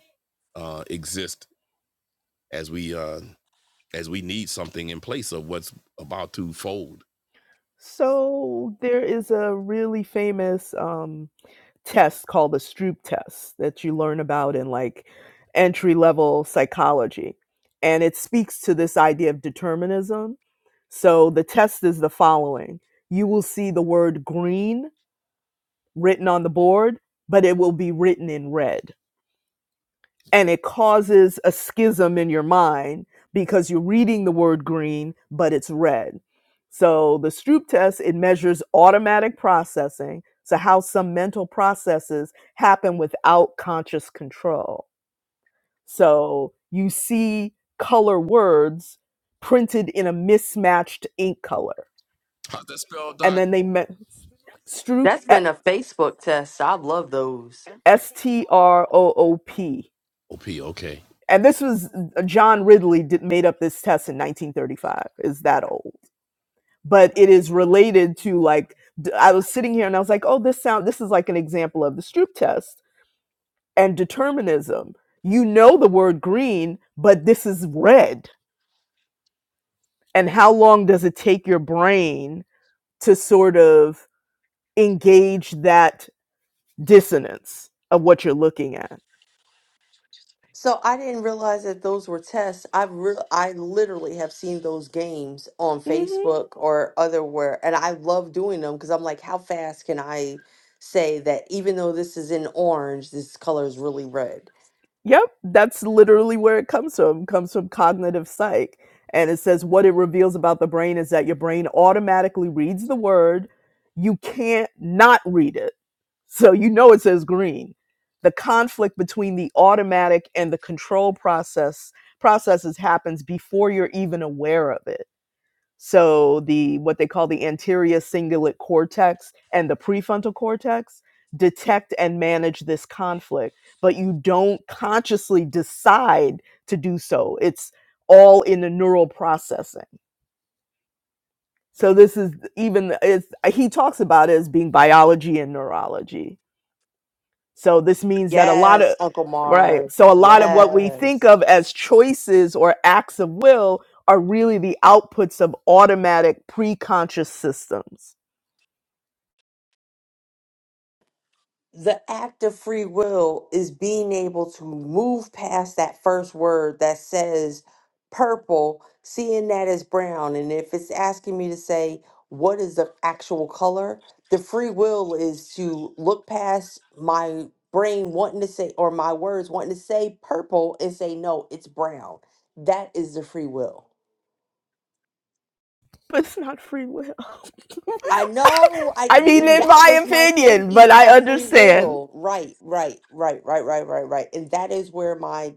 uh, exist as we uh, as we need something in place of what's about to fold.
So there is a really famous um, test called the Stroop test that you learn about in like entry level psychology. And it speaks to this idea of determinism. So the test is the following you will see the word green written on the board, but it will be written in red and it causes a schism in your mind because you're reading the word green but it's red so the stroop test it measures automatic processing so how some mental processes happen without conscious control so you see color words printed in a mismatched ink color
How's that spelled,
and
Doc?
then they met stroop
That's
E-,
been a Facebook test. I love those.
S T R O O P
OP, okay.
and this was uh, John Ridley did, made up this test in 1935. Is that old? But it is related to like d- I was sitting here and I was like, oh, this sound this is like an example of the Stroop test and determinism. You know the word green, but this is red. And how long does it take your brain to sort of engage that dissonance of what you're looking at?
So I didn't realize that those were tests. I re- I literally have seen those games on
Mm-hmm.
Facebook or otherwhere, and I love doing them because I'm like, how fast can I say that even though this is in orange, this color is really red?
Yep, that's literally where it comes from. It comes from cognitive psych. And it says what it reveals about the brain is that your brain automatically reads the word. You can't not read it. So you know it says green. The conflict between the automatic and the control process processes happens before you're even aware of it so the what they call the anterior cingulate cortex and the prefrontal cortex detect and manage this conflict, but you don't consciously decide to do so. It's all in the neural processing. So this is even it's, he talks about it as being biology and neurology so this means that a lot of
Yes, Uncle
right,
Marv.
so a lot of what we
Yes.
think of as choices or acts of will are really the outputs of automatic pre-conscious systems.
the act of free will is being able to move past that first word that says purple, seeing that as brown. And if it's asking me to say, what is the actual color? The free will is to look past my brain wanting to say, or my words wanting to say purple and say, no, it's brown. That is the free will.
But it's not free will.
I know I
I mean in
that
my
was my
opinion, but
thinking
I
of free
understand.
will. Right, right, right, right, right, right, right. And that is where my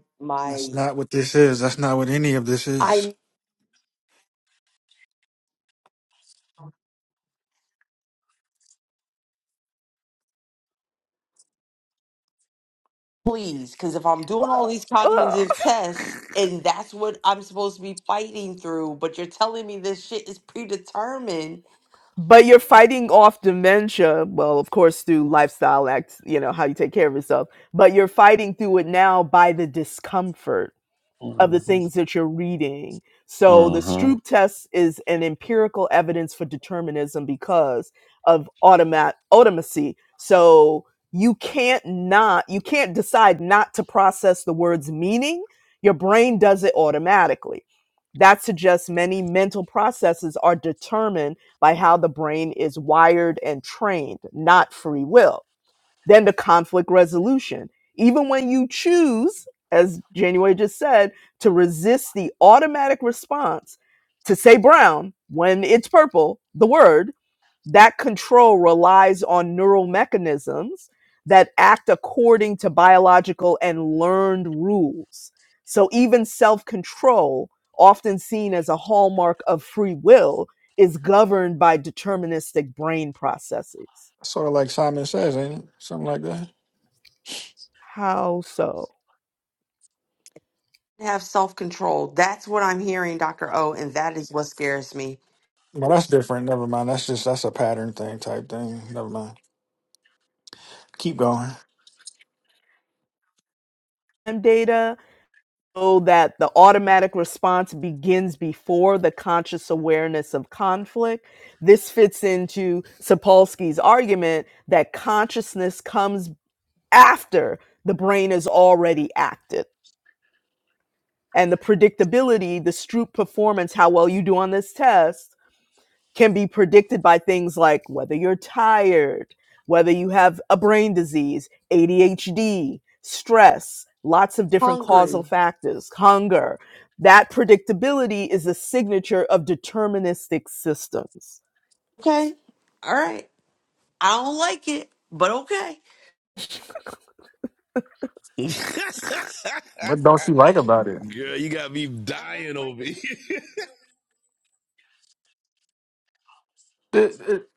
That's
my
not what this is. That's not what any of this is.
I please because if I'm doing all these
Ugh.
cognitive tests and that's what I'm supposed to be fighting through, but you're telling me this shit is predetermined.
But you're fighting off dementia, well, of course through lifestyle acts, you know, how you take care of yourself, but you're fighting through it now by the discomfort of the
Mm-hmm.
things that you're reading. So the Stroop test is an empirical evidence for determinism because of automat automacy. So you can't not you can't decide not to process the word's meaning. Your brain does it automatically. That suggests many mental processes are determined by how the brain is wired and trained, not free will than the conflict resolution. Even when you choose, as January just said, to resist the automatic response to say brown when it's purple, the word, that control relies on neural mechanisms that act according to biological and learned rules. So even self control, often seen as a hallmark of free will, is governed by deterministic brain processes.
Sort of like Simon says, ain't it? Something like that.
How so?
Have self-control. That's what I'm hearing, Dr. O, and that is what scares me.
Well, that's different. Never mind. That's just that's a pattern thing type thing. Never mind. Keep going.
data so that the automatic response begins before the conscious awareness of conflict. This fits into Sapolsky's argument that consciousness comes after the brain is already acted, And the predictability, the Stroop performance, how well you do on this test can be predicted by things like whether you're tired, whether you have a brain disease, ADHD, stress, lots of different causal
Hungry.
factors, hunger. That predictability is a signature of deterministic systems.
Okay. All right. I don't like it, but okay.
What don't you like about it?
Girl, you got me dying over here.
It it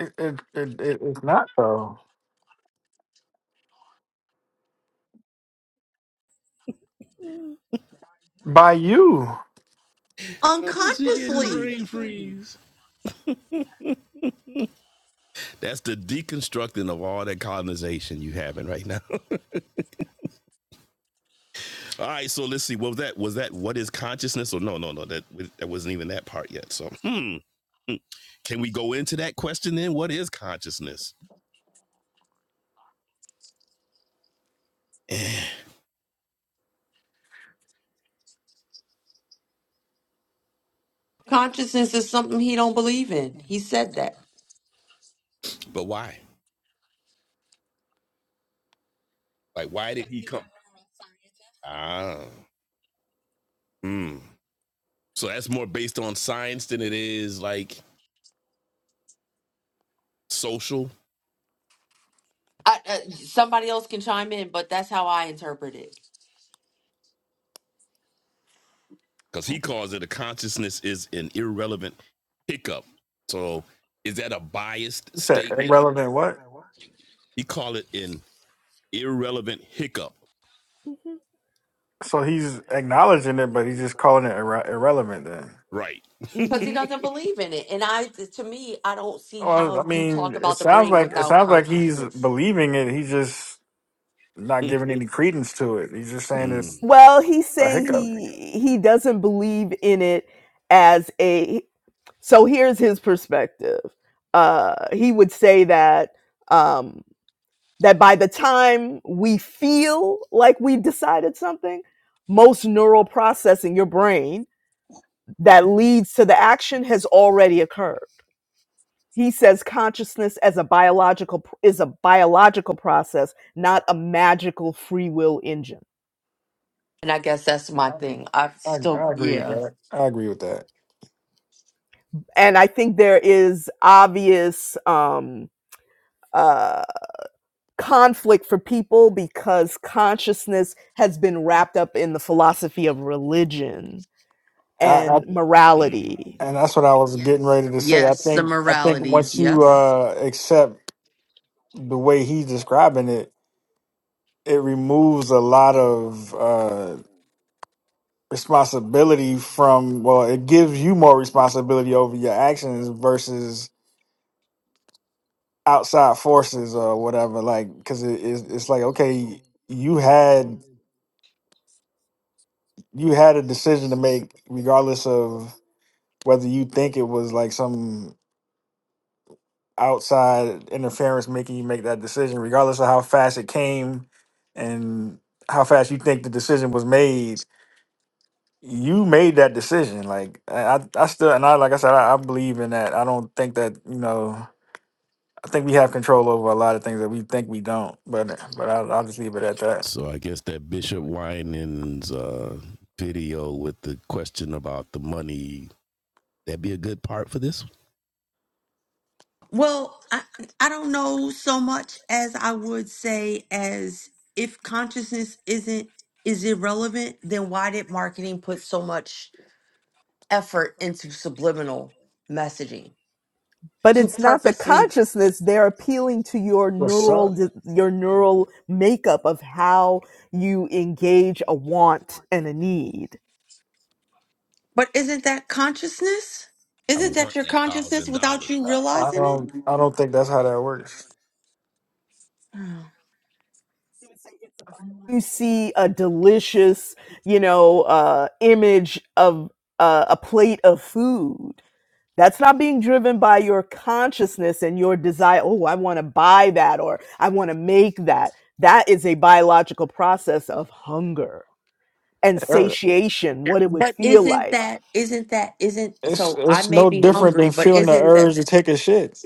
it, it, it, it it's not though. By you.
she getting
Unconsciously.
brain freeze. That's the deconstructing of all that colonization you having right now. All right, so let's see. What was that? Was that what is consciousness? Or no, no, no. That that wasn't even that part yet. So, hmm, hmm. can we go into that question then? What is consciousness?
Consciousness is something he don't believe in. He said that.
but why? Like, why did he come? Ah, hmm. So that's more based on science than it is like social,
I, uh, somebody else can chime in, but that's how I interpret it
because he calls it a consciousness is an irrelevant hiccup. So, is that a biased
It's a
statement?
irrelevant what?
He called it an irrelevant hiccup,
hmm
So he's acknowledging it, but he's just calling it irre- irrelevant then.
right?
because he
hmm
doesn't believe in it. And I, to me, I don't see
Well, I
how you
mean,
talk
it
about the
sounds
brain
like it
without
sounds like he's
consciousness.
believing it. He's just not giving any credence to it. He's just saying
Hmm.
it's
Well, he's
a
saying
hiccup.
he he doesn't believe in it as a so here's his perspective. Uh, he would say that um, that by the time we feel like we've decided something, most neural process in your brain that leads to the action has already occurred. He says consciousness as a biological is a biological process, not a magical free will engine.
And I guess that's
I,
my thing. I
I,
still,
I agree with
yeah,
that. I agree with that.
And I think there is obvious um, uh, conflict for people because consciousness has been wrapped up in the philosophy of religion
I. I
and
Mm.
morality
And that's what I was getting ready to say. I
yes, the
think I think
morality,
once you
yes.
uh, accept the way he's describing it, it removes a lot of uh, responsibility from. Well, it gives you more responsibility over your actions versus outside forces or whatever. Like, because it, it's, it's like okay, you had you had a decision to make, regardless of whether you think it was like some outside interference making you make that decision, regardless of how fast it came and how fast you think the decision was made. You made that decision. Like I, I I still, and I, like I said, I, I believe in that. I don't think that you know. I think we have control over a lot of things that we think we don't. But but I, I'll just leave it at that.
So I guess that Bishop Winans uh, video with the question about the money that'd be a good part for this.
Well, I, I don't know so much as I would say as if consciousness isn't is irrelevant, then why did marketing put so much? effort into subliminal messaging
but
to
it's not the
purposely
consciousness they're appealing to your
What's
neural
up?
your neural makeup of how you engage a want and a need
but isn't that consciousness
I
isn't that
want
your
that
consciousness
thousand
without you
dollars.
I
realizing
don't.
it
I don't think that's how that works.
Oh.
you see a delicious you know uh, image of uh, a plate of food that's not being driven by your consciousness and your desire oh i want to buy that or i want to make that that is a biological process of hunger and
Yeah.
satiation what it would
but
feel
isn't
like
that isn't that isn't
It's
so i
it's
may
no
be
different
hungry
than
but
feeling the
isn't
urge
that
to take a shit.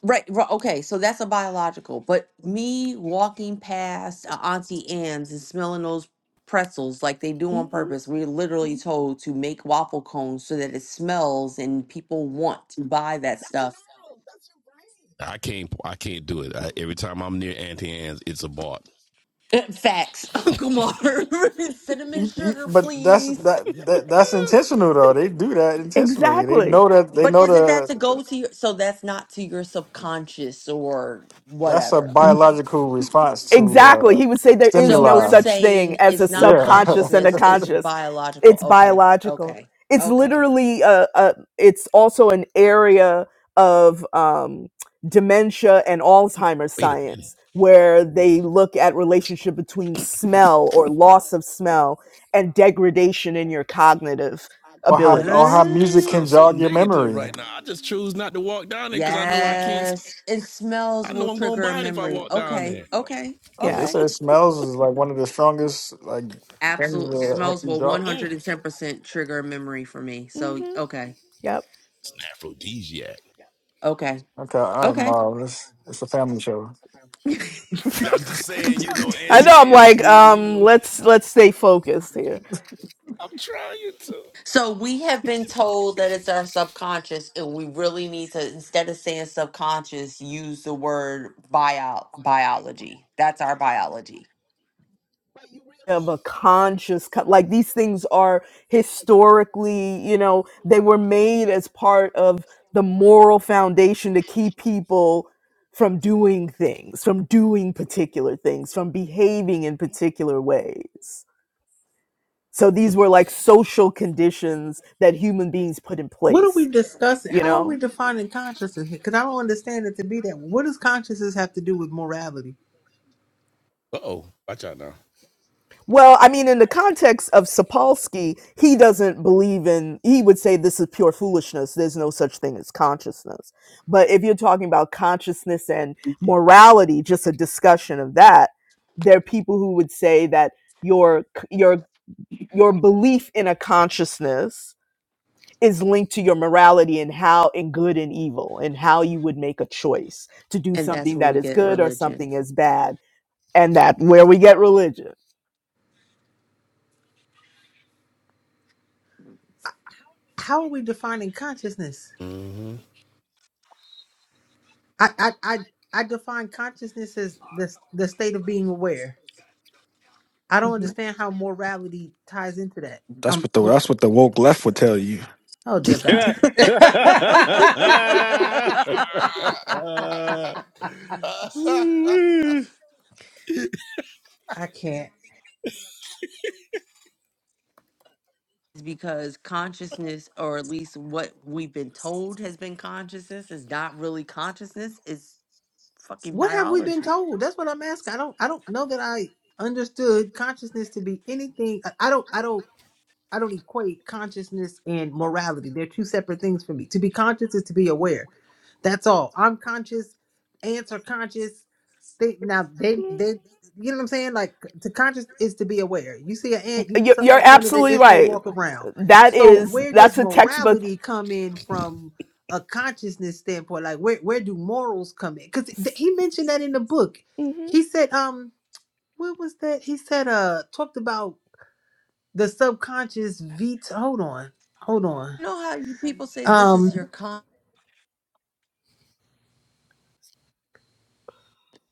right, right okay so that's a biological but me walking past a auntie anne's and smelling those pretzels like they do on
Mm-hmm.
purpose we're literally told to make waffle cones so that it smells and people want to buy that stuff
I can't. I can't do it. I, every time I'm near Auntie Anne's, it's a bought.
Uh, Facts, Uncle Mar. Cinnamon
You- you-
sugar,
But that's
please.
that, that that's intentional though. They do that intentionally. They
Exactly.
know that they
But
know
isn't that
the
to go to your, so that's not to your subconscious or
that's a
whatever.
biological response to
Exactly.
uh
He would say there is
So
no
we're
stimuli.
such thing
saying
as a
it's not
Yeah.
subconscious and a
consciousness, it's
conscious.
biological.
It's
Okay,
biological.
okay,
It's
okay.
literally a, a it's also an area of um, dementia and Alzheimer's
Wait a minute.
science where they look at relationship between smell or loss of smell and degradation in your cognitive
or how or how
abilities.
That
music
Uh,
can
sounds so
jog your
negative
memory.
right now. I just choose not to walk down there because I know I can't.
yes. And smells
I know
will
I'm gonna
trigger a
buy it if I
memory.
walk down
Okay,
there.
okay,
Like they
Yeah.
okay.
said smells is like one of the strongest like things
Absolute
that help
smells
you
will
jog.
110% trigger a memory for me. So,
hmm
okay,
Yep.
It's an aphrodisiac.
okay.
Okay, all right,
Okay.
Marv. It's it's a family show.
I'm just saying, you know,
I
Auntie
know I'm
Anne's
like
man, you
um
know.
let's let's stay focused here.
I'm trying to.
So we have been told that it's our subconscious, and we really need to, instead of saying subconscious, use the word bio biology. That's our biology,
of a conscious co- like these things are historically you know they were made as part of the moral foundation to keep people from doing things from doing particular things from behaving in particular ways so these were like social conditions that human beings put in
What are we
place
discussing?
you
How are
know
we defining consciousness? Because I don't understand it to be that. What does consciousness have to do with morality?
Uh oh, watch out now.
Well, I mean, in the context of Sapolsky, he doesn't believe in, he would say this is pure foolishness. There's no such thing as consciousness. But if you're talking about consciousness and morality, just a discussion of that, there are people who would say that your, your, your belief in a consciousness is linked to your morality and how in good and evil and how you would make a choice to do
and that's
something
where
that
we
is
get
good or
religion.
something is bad and that where we get religion.
How are we defining consciousness?
hmm
I I I, I define consciousness as the the state of being aware. I don't
Mhm.
understand how morality ties into that.
That's
Um.
what the that's what the woke left would tell you.
Oh dear God.
Yeah. Mhm.
I can't.
is because consciousness, or at least what we've been told has been consciousness, is not really consciousness. It's fucking
What have we been
biology.
told? That's what I'm asking. I don't I don't know that I understood consciousness to be anything. I I don't I don't I don't equate consciousness and morality. They're two separate things for me. To be conscious is to be aware. That's all. I'm conscious, ants are conscious, they now they they you know what I'm saying? Like to conscious is to be aware. You see an ant, you put
You're,
something
you're
in front of it,
absolutely
it's gonna
right.
walk around.
That
So
is
where does
that's a textbook.
morality come in from a consciousness standpoint? Like where where do morals come in? Because th- he mentioned that in the book.
hmm
He said, um, what was that? He said, uh, talked about the subconscious veto. Hold on, hold on.
You know how you people say this is your
Um,
con.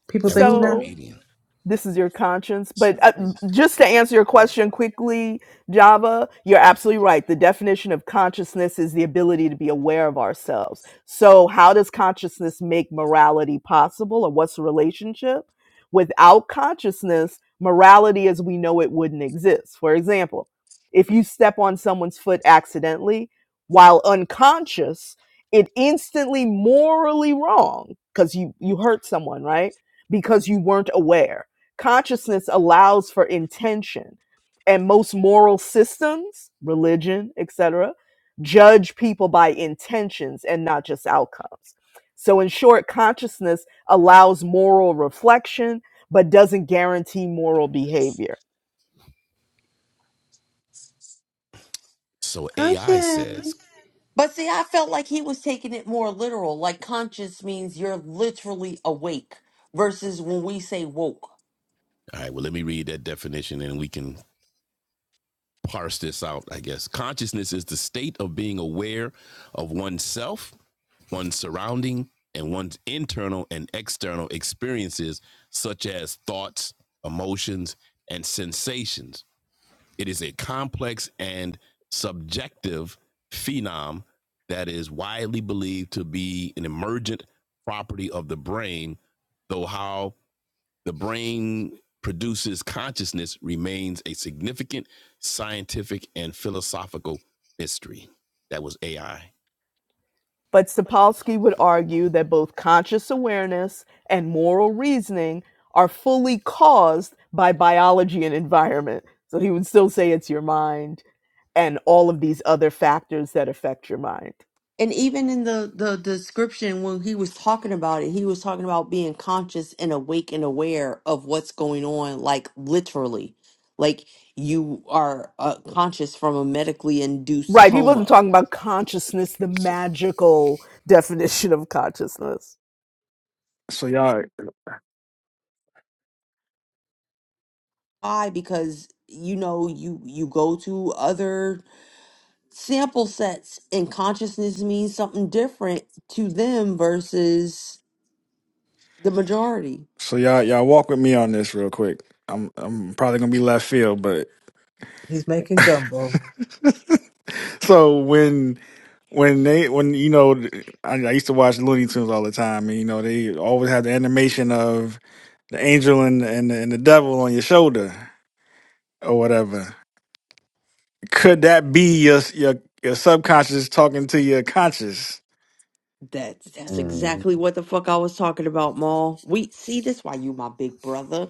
people
that
say
was
who
a
now?
So
comedian.
this is your conscience. But
So,
uh, just to answer your question quickly, Java, you're absolutely right. The definition of consciousness is the ability to be aware of ourselves. So, how does consciousness make morality possible, or what's the relationship? Without consciousness, morality as we know it wouldn't exist. For example, if you step on someone's foot accidentally while unconscious, it instantly morally wrong because you you hurt someone, right? Because you weren't aware Consciousness allows for intention, and most moral systems, religion, etc., judge people by intentions and not just outcomes. So, in short, consciousness allows moral reflection but doesn't guarantee moral behavior.
So
Oh
AI
yeah,
says,
But see, I felt like he was taking it more literal. Like conscious means you're literally awake versus when we say woke.
all right, well, let me read that definition and we can parse this out, I guess. Consciousness is the state of being aware of oneself, one's surrounding, and one's internal and external experiences, such as thoughts, emotions, and sensations. It is a complex and subjective phenom that is widely believed to be an emergent property of the brain, though how the brain produces consciousness remains a significant scientific and philosophical mystery. That was AI.
But Sapolsky would argue that both conscious awareness and moral reasoning are fully caused by biology and environment. So he would still say it's your mind, and all of these other factors that affect your mind.
And even in the, the description, when he was talking about it, he was talking about being conscious and awake and aware of what's going on, like literally. Like you are uh, conscious from a medically induced
Right. He wasn't
coma.
talking about consciousness, the magical definition of consciousness.
so y'all,
Why? Because you know you you go to other sample sets and consciousness means something different to them versus the majority.
so y'all, y'all walk with me on this real quick. I'm I'm probably gonna be left field, but
he's making gumbo.
so when when they when you know I, I used to watch Looney Tunes all the time, and you know they always had the animation of the angel and and and the devil on your shoulder or whatever. Could that be your your your subconscious talking to your conscious?
That's that's exactly what the fuck I was talking about, Maul. We see this why you my big brother.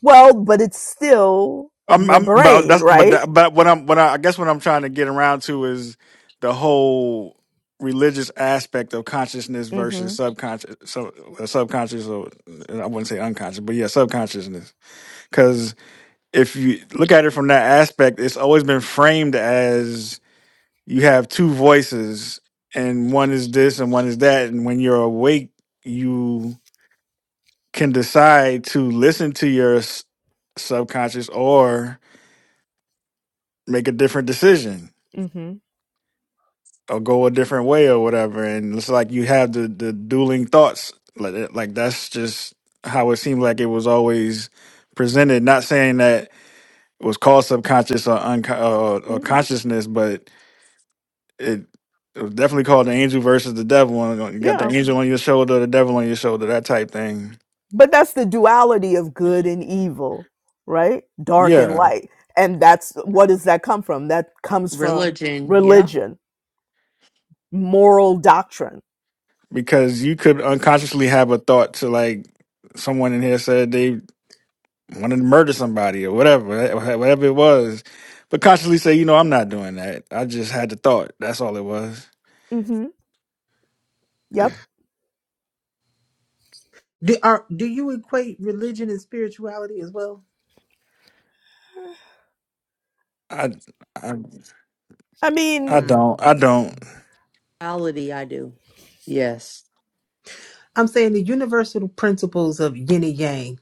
Well, but it's still
I'm,
your
I'm, but
brain,
that's, but
right?
that, but what I'm, what I, I guess what I'm trying to get around to is the whole religious aspect of consciousness versus
Mm-hmm.
subconscious, so uh, subconscious, or uh, I wouldn't say unconscious, but yeah, subconsciousness. Because if you look at it from that aspect, it's always been framed as you have two voices, and one is this and one is that, and when you're awake, you can decide to listen to your s- subconscious or make a different decision
Mm-hmm.
or go a different way or whatever. And it's like you have the the dueling thoughts. Like like that's just how it seemed like it was always presented. Not saying that it was called subconscious or unco- or, or
Mm-hmm.
consciousness, but it. It was definitely called the angel versus the devil. and You got the
Yeah.
angel on your shoulder, the devil on your shoulder, that type thing.
But that's the duality of good and evil, right? Dark and
Yeah,
light. And that's what does that come from? That comes from
Religion, yep.
religion, moral doctrine.
because you could unconsciously have a thought to like someone in here said they wanted to murder somebody or whatever, whatever it was. But consciously say, you know, I'm not doing that. I just had the thought. That's all it was.
Mm-hmm. Yep.
Do are do you equate religion and spirituality as well?
I, I,
I
I
mean,
Hmm.
don't, I don't.
Reality, I do. Yes.
I'm saying the universal principles of yin and yang,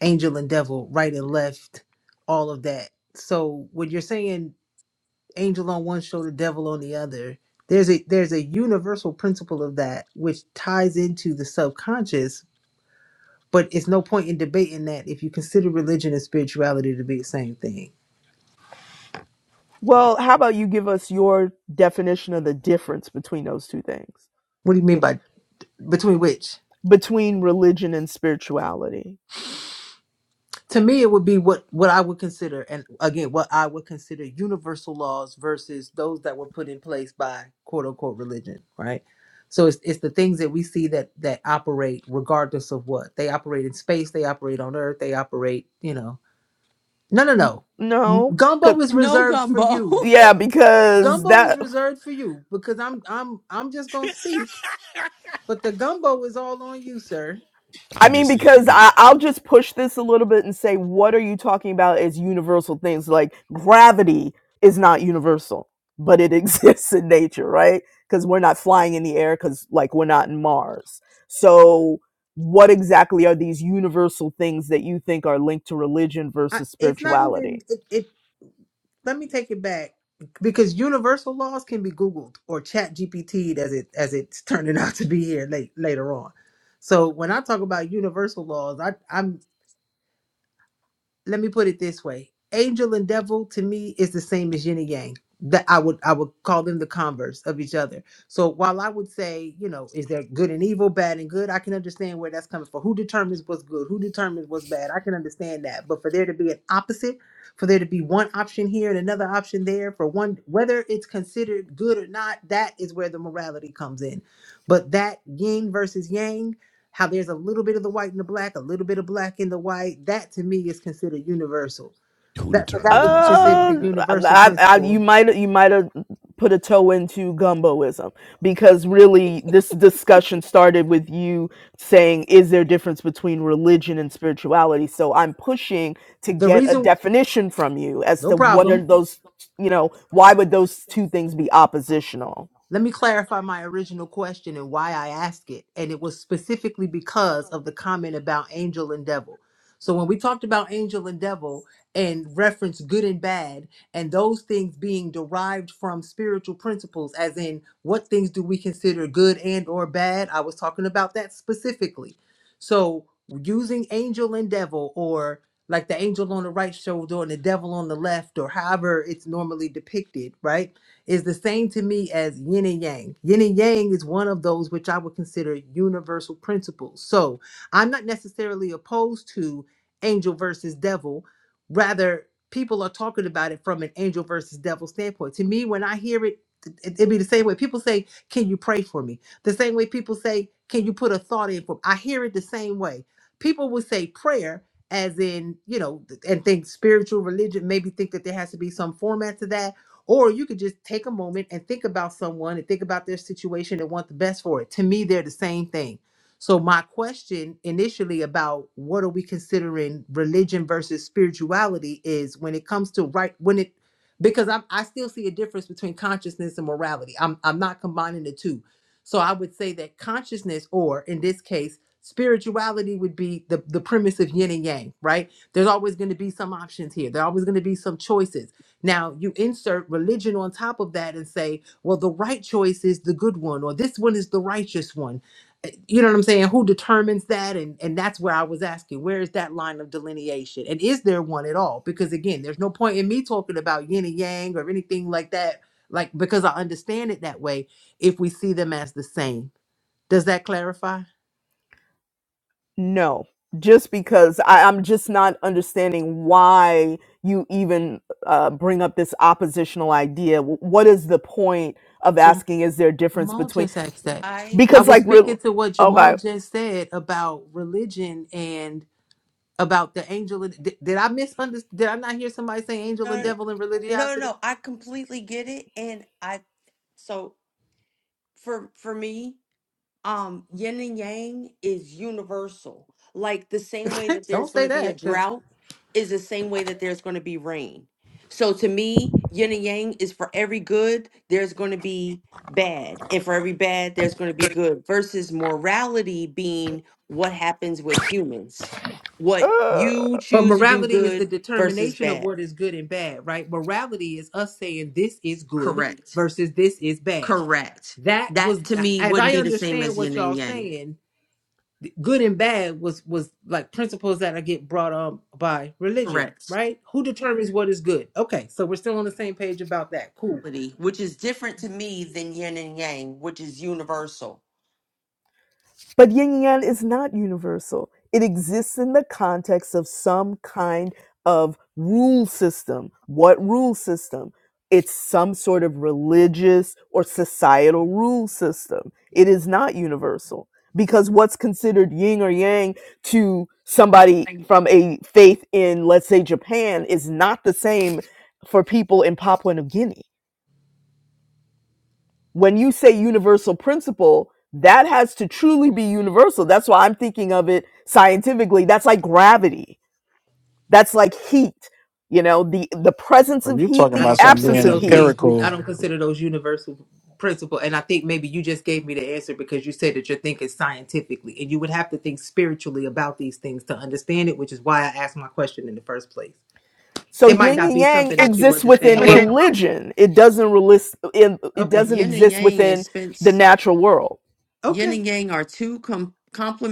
angel and devil, right and left, all of that. So when you're saying angel on one shoulder, devil on the other, there's a there's a universal principle of that which ties into the subconscious, but it's no point in debating that if you consider religion and spirituality to be the same thing.
Well, how about you give us your definition of the difference between those two things?
What do you mean
'Cause-
by between which?
Between religion and spirituality.
to me it would be what what i would consider and again what i would consider universal laws versus those that were put in place by quote unquote religion right so it's, it's the things that we see that that operate regardless of what they operate in space they operate on earth they operate you know no no no
No. 'cause-
gumbo is
No
reserved for
gumbo.
you
yeah, because
gumbo is
that
reserved for you because i'm i'm i'm just gonna speak but the gumbo is all on you sir
I
I'm
mean,
just saying
because
we
I,
all
I'll
cooked.
just push this a little bit and say, what are you talking about as universal things? Like gravity is not universal, but it exists in nature, right? Because we're not flying in the air, because like we're not in Mars. So, what exactly are these universal things that you think are linked to religion
I,
versus
it's not even
spirituality?
it, it let me take it back because universal laws can be googled or chat gpt'd as it as it's turning out to be here late later on so when i talk about universal laws i i'm let me put it this way angel and devil to me is the same as yin and yang that i would i would call them the converse of each other so while i would say you know is there good and evil bad and good i can understand where that's coming from who determines what's good who determines what's bad i can understand that but for there to be an opposite for there to be one option here and another option there for one whether it's considered good or not that is where the morality comes in but that yin versus yang how there's a little bit of the white and the black, a little bit of black in the white. That to me is considered universal.
Who
That so that
determines
would be
what's
considered
good?
a
Uh,
universal
I, I, you
principle.
might you might have put a toe into gumboism because really this discussion started with you saying is there a difference between religion and spirituality? So I'm pushing to
The
get a
reason,
definition from you as
no
to what
problem.
are those you know why would those two things be oppositional?
Let me clarify my original question and why I asked it. And it was specifically because of the comment about angel and devil. So when we talked about angel and devil and reference good and bad and those things being derived from spiritual principles as in what things do we consider good and or bad? I was talking about that specifically. So using angel and devil or like the angel on the right shoulder and the devil on the left or however it's normally depicted, right? is the same to me as yin and yang. Yin and yang is one of those which I would consider universal principles. So I'm not necessarily opposed to angel versus devil. Rather, people are talking about it from an angel versus devil standpoint. To me, when I hear it, it- it'd be the same way people say, Can you pray for me? The same way people say, Can you put a thought in for me? I hear it the same way. People would say prayer as in, you know, th- and think spiritual religion, maybe think that there has to be some format to that or you could just take a moment and think about someone and think about their situation and want the best for it. To me, they're the same thing. So, my question initially about what are we considering religion versus spirituality is when it comes to right, when it, because I'm, I still see a difference between consciousness and morality. I'm, I'm not combining the two. So, I would say that consciousness, or in this case, spirituality would be the, the premise of yin and yang, right? There's always going to be some options here. There are always going to be some choices now you insert religion on top of that and say, well, the right choice is the good one, or this one is the righteous one. Uh, You know what I'm saying? Who determines that? And and that's where I was asking, where is that line of delineation? And is there one at all? Because again, there's no point in me talking about yin and yang or anything like that, like because I understand it that way if we see them as the same. Does that clarify?
No, just because I, I'm just not understanding why you even uh, bring up this oppositional idea. W- What is the point of
Jam-
asking? Is there a difference
Jamal
between?
just asked that.
I
I
Because
was
like, real
speaking to what Jamal
okay,
just said about religion and. about the angel. And, did, did I misunderstand? Did I not hear somebody say angel and
uh,
devil and
no no,
religiosity?
no, I completely get it and I so for for me um yin and yang is universal like the same way that there's
Don't
going
say
to be a
that because.
drought is the same way that there's going to be rain so to me yin and yang is for every good there's going to be bad and for every bad there's going to be good versus morality being what happens with humans what
uh,
you
But
choose to do
morality is the
good versus
determination of
bad
what is good and bad, right? Morality is us saying this is good
correct
versus this is bad.
correct
That
that
was,
to me
as
wouldn't
I
be the same
understand
as
what
yin
y'all
and yang
saying, good and bad was was like principles that I get brought on by religion,
correct
right? Who determines what is good? Okay, so we're still on the same page about that. Cool.
which is different to me than yin and yang, which is universal.
But yin and yang is not universal. It exists in the context of some kind of rule system. What rule system? It's some sort of religious or societal rule system. It is not universal because what's considered yin or yang to somebody from a faith in, let's say, Japan is not the same for people in Papua New Guinea when you say universal principle, that has to truly be universal. That's why I'm thinking of it scientifically. That's like gravity. That's like heat. You know, the the presence
Are
of
you
heat,
talking
I
the
about
don't
something
consider
absence
being
of
those
heat.
things. I
empirical?
don't consider those universal principle. And I think maybe you just gave me the answer because you said that you're thinking scientifically, and you would have to think spiritually about these things to understand it, which is why I asked my question in the first place.
So
It might
yin
not
and
be
yang
something that you
exists within
understand.
religion. It doesn't relist in, it
Okay.
doesn't
Yin and
exist
yang is
within the
Spence.
natural world.
Yin
Okay.
and yang are two com-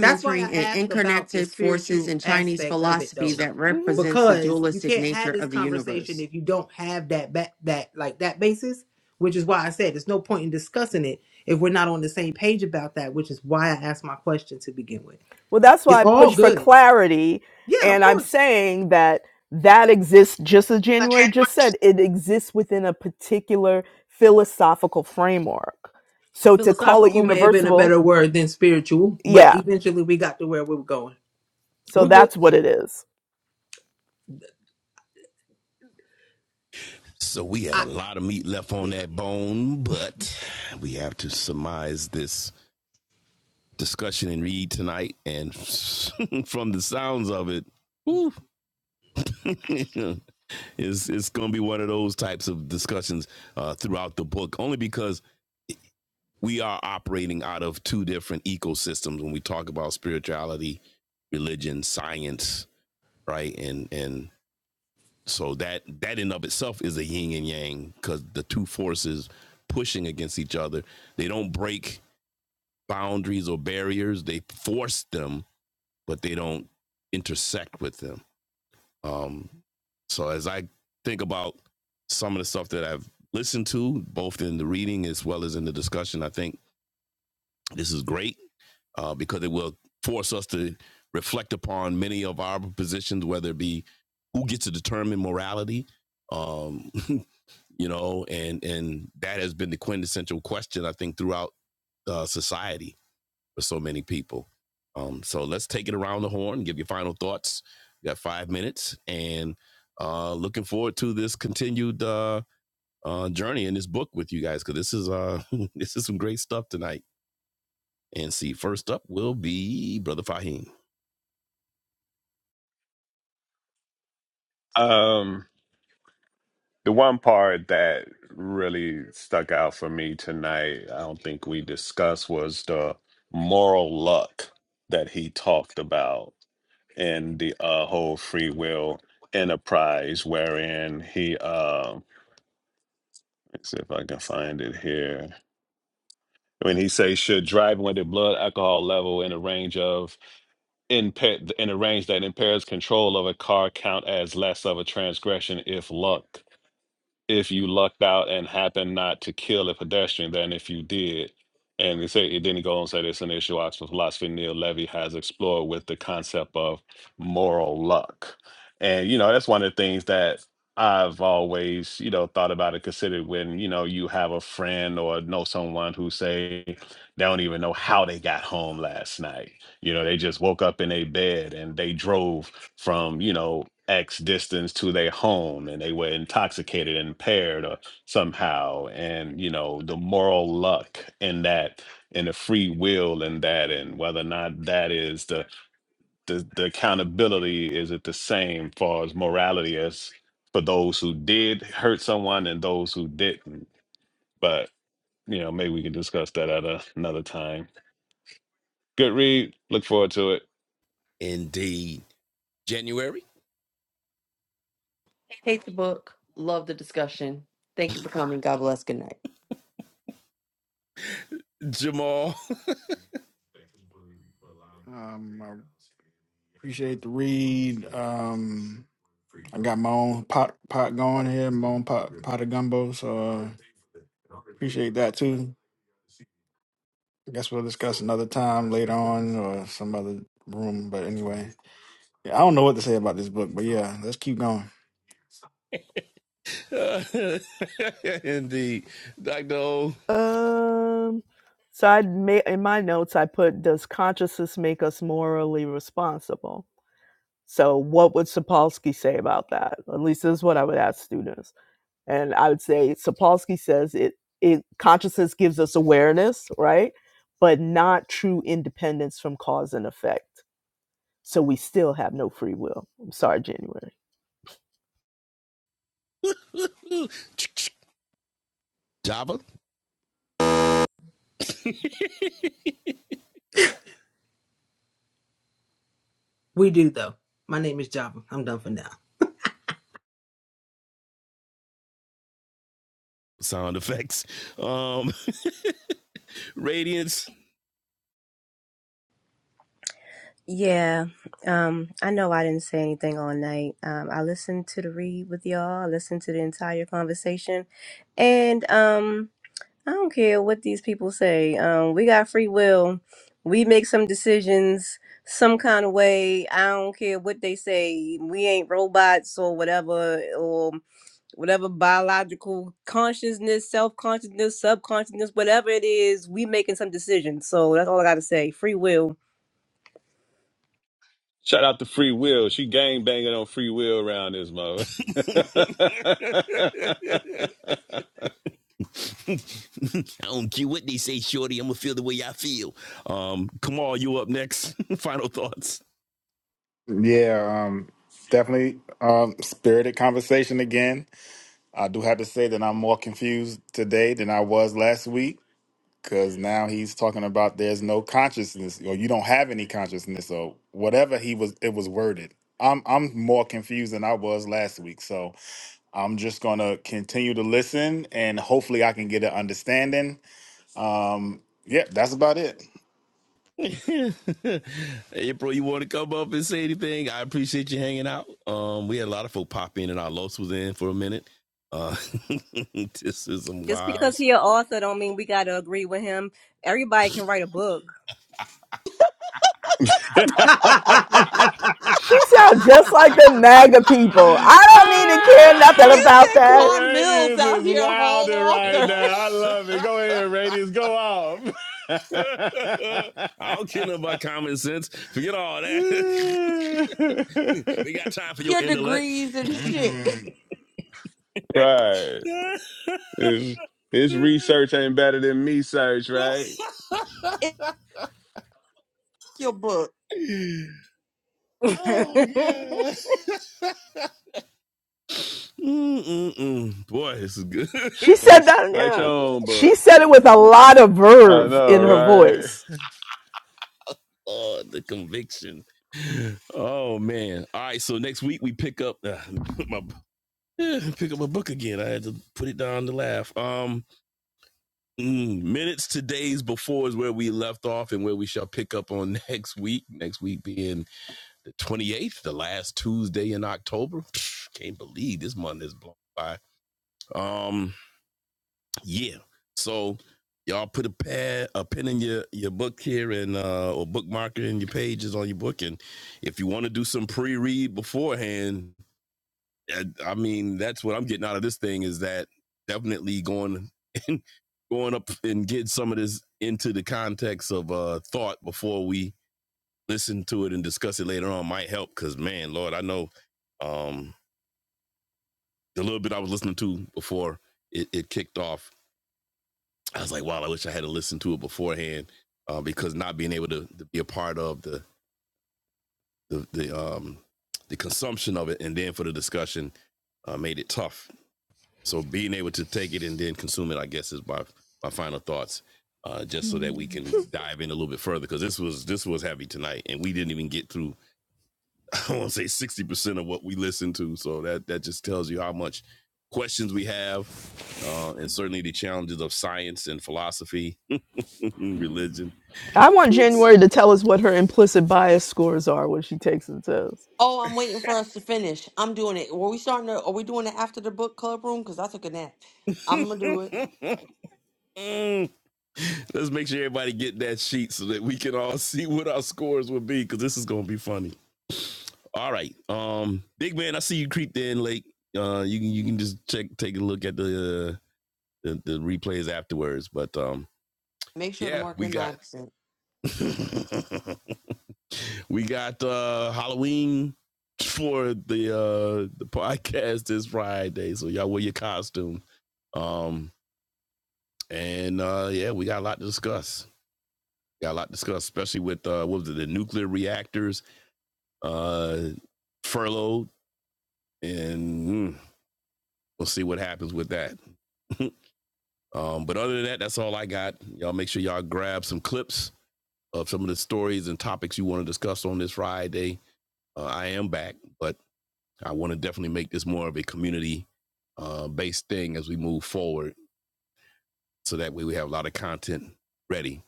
That's why I
and
ask about the
interconnected forces
spiritual
in Chinese
aspect of it
philosophy
though.
that
Mm-hmm.
represents the
Because you
dualistic
can't have
nature
this
of the
conversation
universe.
if you don't have that ba- that like that basis, which is why I said there's no point in discussing it if we're not on the same page about that, which is why I asked my question to begin with.
Well, that's
It's
why I
all
push for
good.
clarity.
Yeah, of
And I'm
course.
saying that that exists just as January just said, it exists within a particular philosophical framework. So to call it
Philosophical may have been a
universal,
better word than spiritual, but
yeah.
eventually we got to where we were going.
So
We're good.
that's what it is.
So we had
I
a lot of meat left on
yeah,
that bone, but we have to surmise this discussion and read tonight. And from the sounds of it, whew, it's it's going to be one of those types of discussions uh, throughout the book, only because we are operating out of two different ecosystems when we talk about spirituality, religion, science, right? And and so that that in of itself is a yin and yang because the two forces pushing against each other. They don't break boundaries or barriers; they force them, but they don't intersect with them. Um, so as I think about some of the stuff that I've listened to, both in the reading as well as in the discussion, I think this is great uh, because it will force us to reflect upon many of our positions, whether it be who gets to determine morality, um, you know, and and that has been the quintessential question I think throughout uh, society for so many people. Um, so let's take it around the horn, give your final thoughts. You got five minutes, and uh, looking forward to this continued uh, uh, journey in this book with you guys because this is uh, this is some great stuff tonight. And see, first up will be Brother Fahim.
um, the one part that really stuck out for me tonight, I don't think we discussed, was the moral luck that he talked about in the uh, whole free will enterprise, wherein he, uh, let's see if I can find it here. When he says, should driving with a blood alcohol level in the range of in pa- and arrange that impairs control of a car count as less of a transgression if luck if you lucked out and happened not to kill a pedestrian than if you did. And they say it didn't go on to say this in the issue Oxford philosophy Neil Levy has explored with the concept of moral luck. And you know, that's one of the things that I've always, you know, thought about and considered when, you know, you have a friend or know someone who say they don't even know how they got home last night. You know, they just woke up in a bed and they drove from, you know, X distance to their home and they were intoxicated and impaired or somehow. And, you know, the moral luck in that and the free will in that and whether or not that is the the, the accountability is it the same far as morality as for those who did hurt someone and those who didn't. But you know, maybe we can discuss that at a, another time. Good read. Look forward to it.
Indeed. January,
Hate the book. Love the discussion. Thank you for coming. God bless. Good night.
Jamal.
Um, I appreciate the read. Um, I got my own pot pot going here, my own pot pot of gumbo. So uh, appreciate that too. I guess we'll discuss another time later on or some other room. But anyway. Yeah, I don't know what to say about this book, but yeah, let's keep going.
Indeed. Dr.
Um, so I made in my notes I put does consciousness make us morally responsible? So what would Sapolsky say about that? At least this is what I would ask students. And I would say Sapolsky says it, it consciousness gives us awareness, right? But not true independence from cause and effect. So we still have no free will. I'm sorry, January.
O. Java
we do though. My name is Java. I'm done for now.
sound effects. Um, Radiance.
Yeah, um, I know I didn't say anything all night. Um, I listened to the read with y'all. I listened to the entire conversation, and um, I don't care what these people say. Um, we got free will. We make some decisions some kind of way. I don't care what they say. We ain't robots or whatever, or whatever biological consciousness, self consciousness, subconsciousness, whatever it is, we making some decisions. So that's all I gotta say. Free will.
Shout out to Free Will. She gang banging on Free Will around this mother.
I don't care what they say, Shorty. I'm gonna feel the way I feel. Um, Kamal, you up next. Final thoughts.
Yeah, um, definitely um, spirited conversation again. I do have to say that I'm more confused today than I was last week because now he's talking about there's no consciousness or you don't have any consciousness or whatever he was it was worded. I'm I'm more confused than I was last week, so I'm just gonna continue to listen and hopefully I can get an understanding. Um, yeah, that's about it.
April, you want to come up and say anything? I appreciate you hanging out. Um, we had a lot of folk pop in, and our loss was in for a minute. Uh, this is some
Just
wild
because he
stuff.
an author don't mean we gotta agree with him. Everybody can write a book.
Hallelujah.
She sound just like the MAGA people. I don't need to care nothing
ah!
You
about
said
that.
Quan Mills
Radius
out
is
here, whole
wilding right
author.
now. I love it. Go ahead, Radius. Go off.
I don't care nothing about common sense. Forget all that.
right.
we got time for your
Your
intellect.
degrees and shit.
His, his research ain't better than me search, right?
Your book.
Oh yeah. Mm-mm-mm. Boy, this is good.
She said
It's
that.
write your
Yeah,
own
she
book.
said it with a lot of
I
verve
know,
in her
right?
voice.
oh, the conviction. Oh man. All right. So next week we pick up uh, my eh, pick up a book again. I had to put it down to laugh. Um, mm, minutes to days before is where we left off and where we shall pick up on next week. Next week being the twenty eighth, the last Tuesday in October. Can't believe this month is blown by. Um, Yeah. So y'all put a pad, a pen in your your book here and uh or bookmarker in your pages on your book. And if you want to do some pre-read beforehand, I, I mean that's what I'm getting out of this thing is that definitely going and going up and get some of this into the context of uh thought before we listen to it and discuss it later on might help because man, Lord, I know um the little bit I was listening to before it, it kicked off I was like, wow, I wish I had listened to it beforehand uh, because not being able to, to be a part of the the the, um, the consumption of it and then for the discussion uh, made it tough. So being able to take it and then consume it, I guess, is my my final thoughts. Uh, just so that we can dive in a little bit further, because this was this was heavy tonight, and we didn't even get through. I want to say sixty percent of what we listened to. So that that just tells you how much questions we have, uh, and certainly the challenges of science and philosophy, religion.
I want
Oops.
January to tell us what her implicit bias scores are when she takes the test.
Oh, I'm waiting for us to finish. I'm doing it. Were we starting to, are we doing it after the book club room? Because I took a nap. I'm gonna do it.
Let's make sure everybody get that sheet so that we can all see what our scores will be because this is gonna be funny. All right, um, big man, I see you creeped in late. Uh, you can you can just check take a look at the uh, the, the replays afterwards. But um,
Make sure to
yeah,
mark
we
in my
got
absence.
we got uh Halloween for the uh the podcast this Friday, so y'all wear your costume. Um, and uh, yeah, we got a lot to discuss. Got a lot discussed, especially with uh, what was it, the nuclear reactors uh, furloughed, and mm, we'll see what happens with that. um, but other than that, that's all I got. Y'all make sure y'all grab some clips of some of the stories and topics you want to discuss on this Friday. Uh, I am back, but I want to definitely make this more of a community uh, based thing as we move forward. So that way we have a lot of content ready.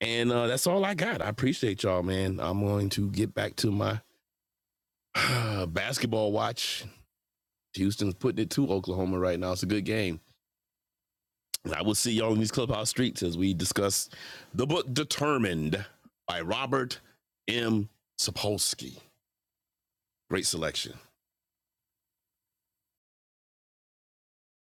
And uh, that's all I got. I appreciate y'all, man. I'm going to get back to my Basketball watch. Houston's putting it to Oklahoma right now. It's a good game. I will see y'all in these clubhouse streets as we discuss the book Determined by Robert M. Sapolsky. Great selection.